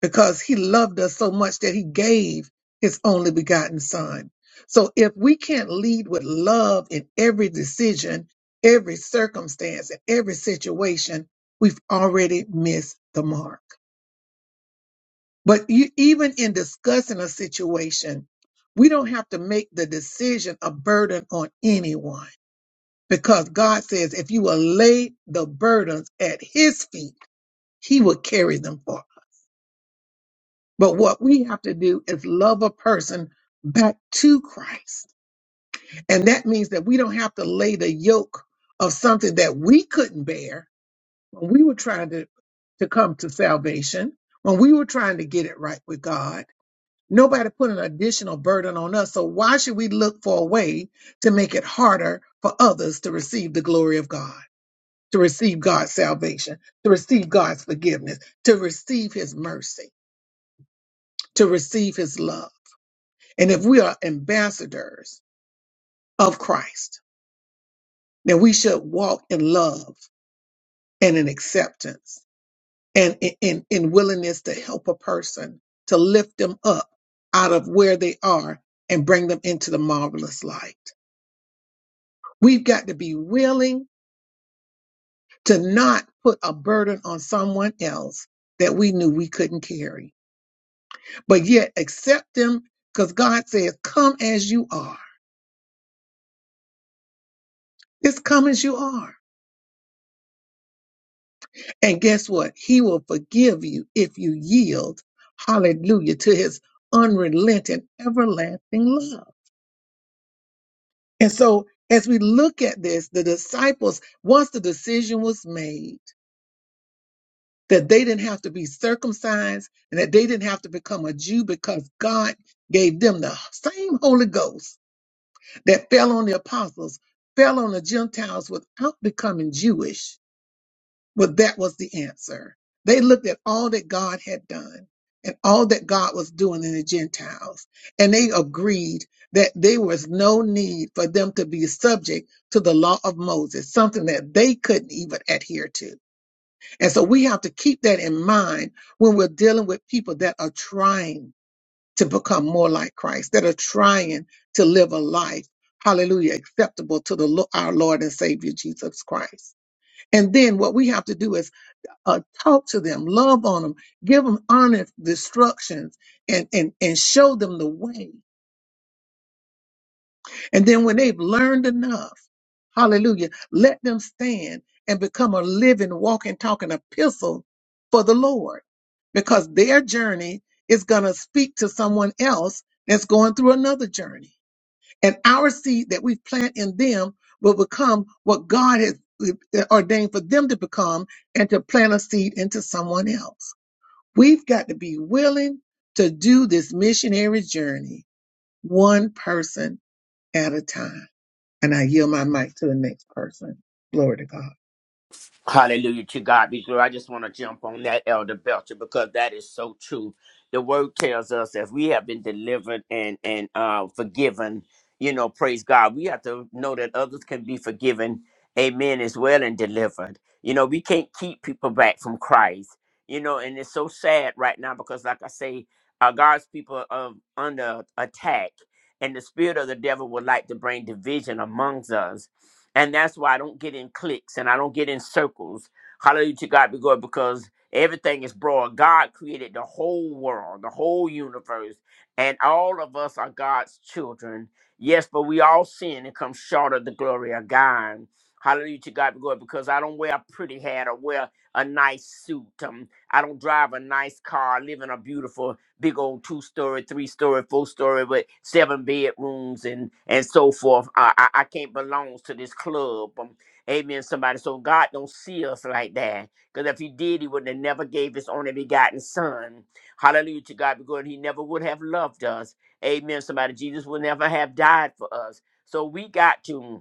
[SPEAKER 1] because he loved us so much that he gave his only begotten son. So if we can't lead with love in every decision, every circumstance, and every situation, we've already missed the mark. But you, even in discussing a situation, we don't have to make the decision a burden on anyone because God says if you will lay the burdens at his feet, he will carry them for us. But what we have to do is love a person back to Christ. And that means that we don't have to lay the yoke of something that we couldn't bear when we were trying to, to come to salvation, when we were trying to get it right with God. Nobody put an additional burden on us. So why should we look for a way to make it harder for others to receive the glory of God, to receive God's salvation, to receive God's forgiveness, to receive his mercy, to receive his love? And if we are ambassadors of Christ, then we should walk in love and in acceptance and in, in, in willingness to help a person, to lift them up out of where they are and bring them into the marvelous light. We've got to be willing to not put a burden on someone else that we knew we couldn't carry, but yet accept them because God says, Come as you are. Just come as you are And guess what? He will forgive you if you yield, hallelujah, to his unrelenting, everlasting love. And so, as we look at this, the disciples, once the decision was made that they didn't have to be circumcised and that they didn't have to become a Jew because God gave them the same Holy Ghost that fell on the apostles, fell on the Gentiles without becoming Jewish But that was the answer. They looked at all that God had done and all that God was doing in the Gentiles, and they agreed that there was no need for them to be subject to the law of Moses, something that they couldn't even adhere to. And so we have to keep that in mind when we're dealing with people that are trying to become more like Christ, that are trying to live a life, hallelujah, acceptable to the Lo- our Lord and Savior Jesus Christ. And then what we have to do is uh, talk to them, love on them, give them honest instructions, and, and, and show them the way. And then when they've learned enough, hallelujah, let them stand and become a living, walking, talking epistle for the Lord because their journey is going to speak to someone else that's going through another journey. And our seed that we plant in them will become what God has uh, ordained for them to become and to plant a seed into someone else. We've got to be willing to do this missionary journey one person at a time. And I yield my mic to the next person. Glory to God.
[SPEAKER 5] Hallelujah to God be glory. I just want to jump on that, Elder Belcher, because that is so true. The word tells us if we have been delivered and and uh, forgiven, you know, praise God. We have to know that others can be forgiven, amen, as well and delivered. You know, we can't keep people back from Christ. You know, and it's so sad right now because, like I say, uh, God's people are um, under attack, and the spirit of the devil would like to bring division amongst us and that's why I don't get in cliques and I don't get in circles. Hallelujah to God be good because everything is broad. God created the whole world, the whole universe, and all of us are God's children. Yes, but we all sin and come short of the glory of God. Hallelujah to God be good because I don't wear a pretty hat or wear a nice suit. Um, I don't drive a nice car, live in a beautiful big old two story, three story, four story with seven bedrooms and and so forth. I I, I can't belong to this club. Um, amen. Somebody. So God don't see us like that. Because if He did, He would have never gave His only begotten Son. Hallelujah to God be good. He never would have loved us. Amen. Somebody. Jesus would never have died for us. So we got to.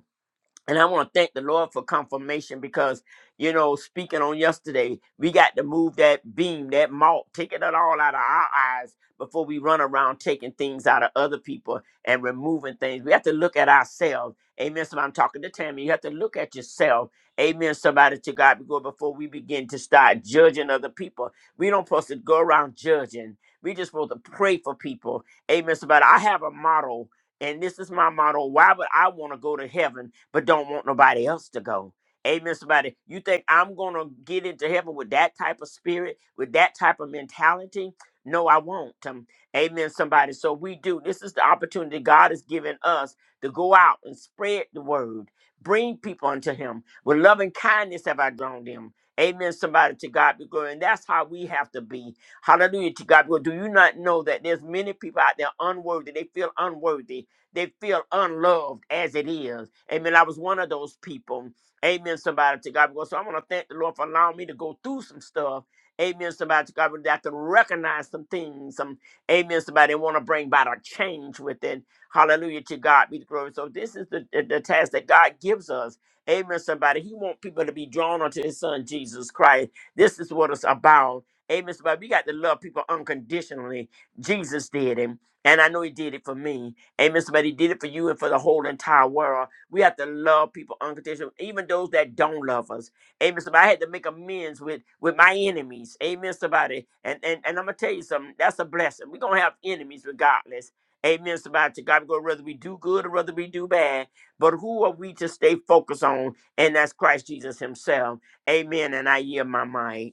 [SPEAKER 5] And I want to thank the Lord for confirmation because, you know, speaking on yesterday, we got to move that beam, that malt, taking it all out of our eyes before we run around taking things out of other people and removing things. We have to look at ourselves. Amen. So I'm talking to Tammy. You have to look at yourself. Amen. Somebody to God be glory before we begin to start judging other people. We don't supposed to go around judging. We just supposed to pray for people. Amen. Somebody, I have a model, and this is my model. Why would I want to go to heaven? but don't want nobody else to go. Amen, somebody. You think I'm going to get into heaven with that type of spirit, with that type of mentality? No, I won't. Um, amen, somebody. So we do. This is the opportunity God has given us to go out and spread the word, bring people unto Him. With loving kindness have I drawn them. Amen, somebody. To God be glory. And that's how we have to be. Hallelujah to God. Well, do you not know that there's many people out there unworthy? They feel unworthy. They feel unloved as it is. Amen. I was one of those people. Amen. Somebody to God. be glory. So I want to thank the Lord for allowing me to go through some stuff. Amen. Somebody to God. be glory, That I can recognize some things. Some amen. Somebody want to bring about a change within. Hallelujah to God be the glory. So this is the, the, the task that God gives us. Amen. Somebody. He wants people to be drawn unto his son Jesus Christ. This is what it's about. Amen. Somebody. We got to love people unconditionally. Jesus did him. And I know he did it for me. Amen. Somebody did it for you and for the whole entire world. We have to love people unconditionally, even those that don't love us. Amen. Somebody I had to make amends with with my enemies. Amen. Somebody. And and, and I'm gonna tell you something. That's a blessing. We're gonna have enemies regardless. Amen. Somebody to God, go whether we do good or whether we do bad. But who are we to stay focused on? And that's Christ Jesus Himself. Amen. And I yield my mind.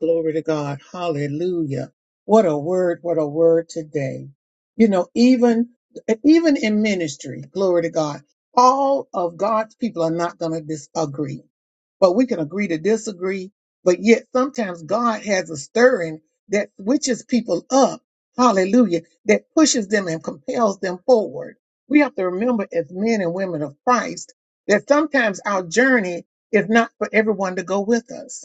[SPEAKER 1] Glory to God. Hallelujah. What a word, what a word today. You know, even even in ministry, glory to God, all of God's people are not going to disagree. But we can agree to disagree, but yet sometimes God has a stirring that switches people up. Hallelujah. That pushes them and compels them forward. We have to remember as men and women of Christ that sometimes our journey is not for everyone to go with us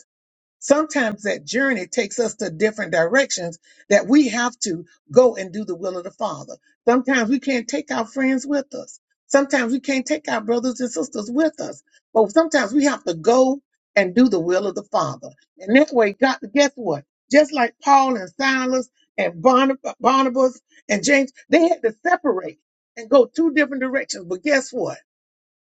[SPEAKER 1] Sometimes that journey takes us to different directions that we have to go and do the will of the Father. Sometimes we can't take our friends with us. Sometimes we can't take our brothers and sisters with us. But sometimes we have to go and do the will of the Father. And that way, God, guess what? Just like Paul and Silas and Barnab- Barnabas and James, they had to separate and go two different directions. But guess what?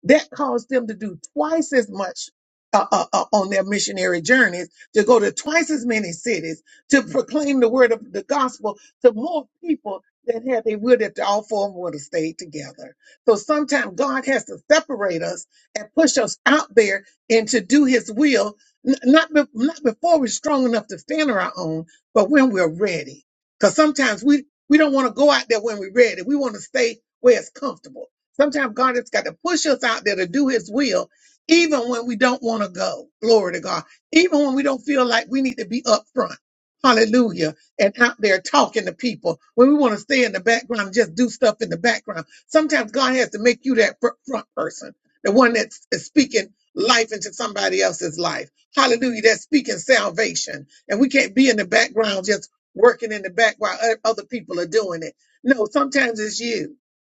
[SPEAKER 1] That caused them to do twice as much uh, uh, uh, on their missionary journeys, to go to twice as many cities, to proclaim the word of the gospel to more people than had they would if all four of them would have stayed together. So sometimes God has to separate us and push us out there and to do his will, n- not, be- not before we're strong enough to stand on our own, but when we're ready. Because sometimes we, we don't want to go out there when we're ready. We want to stay where it's comfortable. Sometimes God has got to push us out there to do his will, even when we don't want to go. Glory to God. Even when we don't feel like we need to be up front. Hallelujah. And out there talking to people when we want to stay in the background, and just do stuff in the background. Sometimes God has to make you that fr- front person, the one that's is speaking life into somebody else's life. Hallelujah. That's speaking salvation. And we can't be in the background just working in the back while o- other people are doing it. No, sometimes it's you.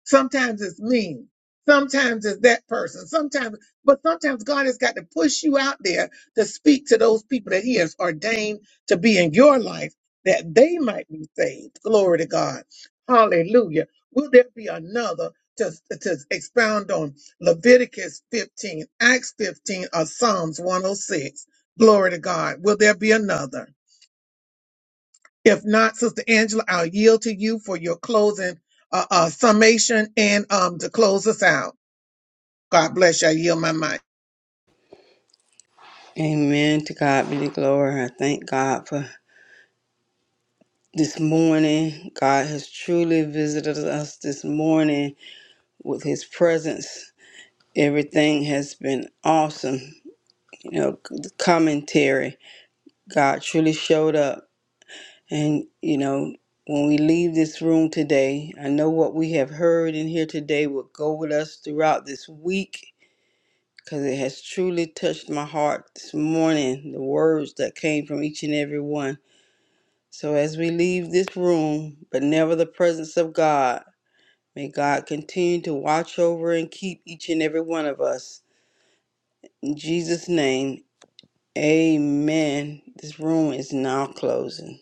[SPEAKER 1] Sometimes it's me. Sometimes it's that person. Sometimes, but sometimes God has got to push you out there to speak to those people that He has ordained to be in your life that they might be saved. Glory to God. Hallelujah. Will there be another to, to expound on Leviticus 15, Acts 15, or Psalms 106? Glory to God. Will there be another? If not, Sister Angela, I'll yield to you for your closing uh, uh, summation and um, to close us out. God bless you. I yield my mic.
[SPEAKER 6] Amen. To God be the glory. I thank God for this morning. God has truly visited us this morning with his presence. Everything has been awesome. You know, the commentary. God truly showed up. And, you know, when we leave this room today, I know what we have heard in here today will go with us throughout this week because it has truly touched my heart this morning, the words that came from each and every one. So as we leave this room, but never the presence of God, May God continue to watch over and keep each and every one of us. In Jesus' name, amen. This room is now closing.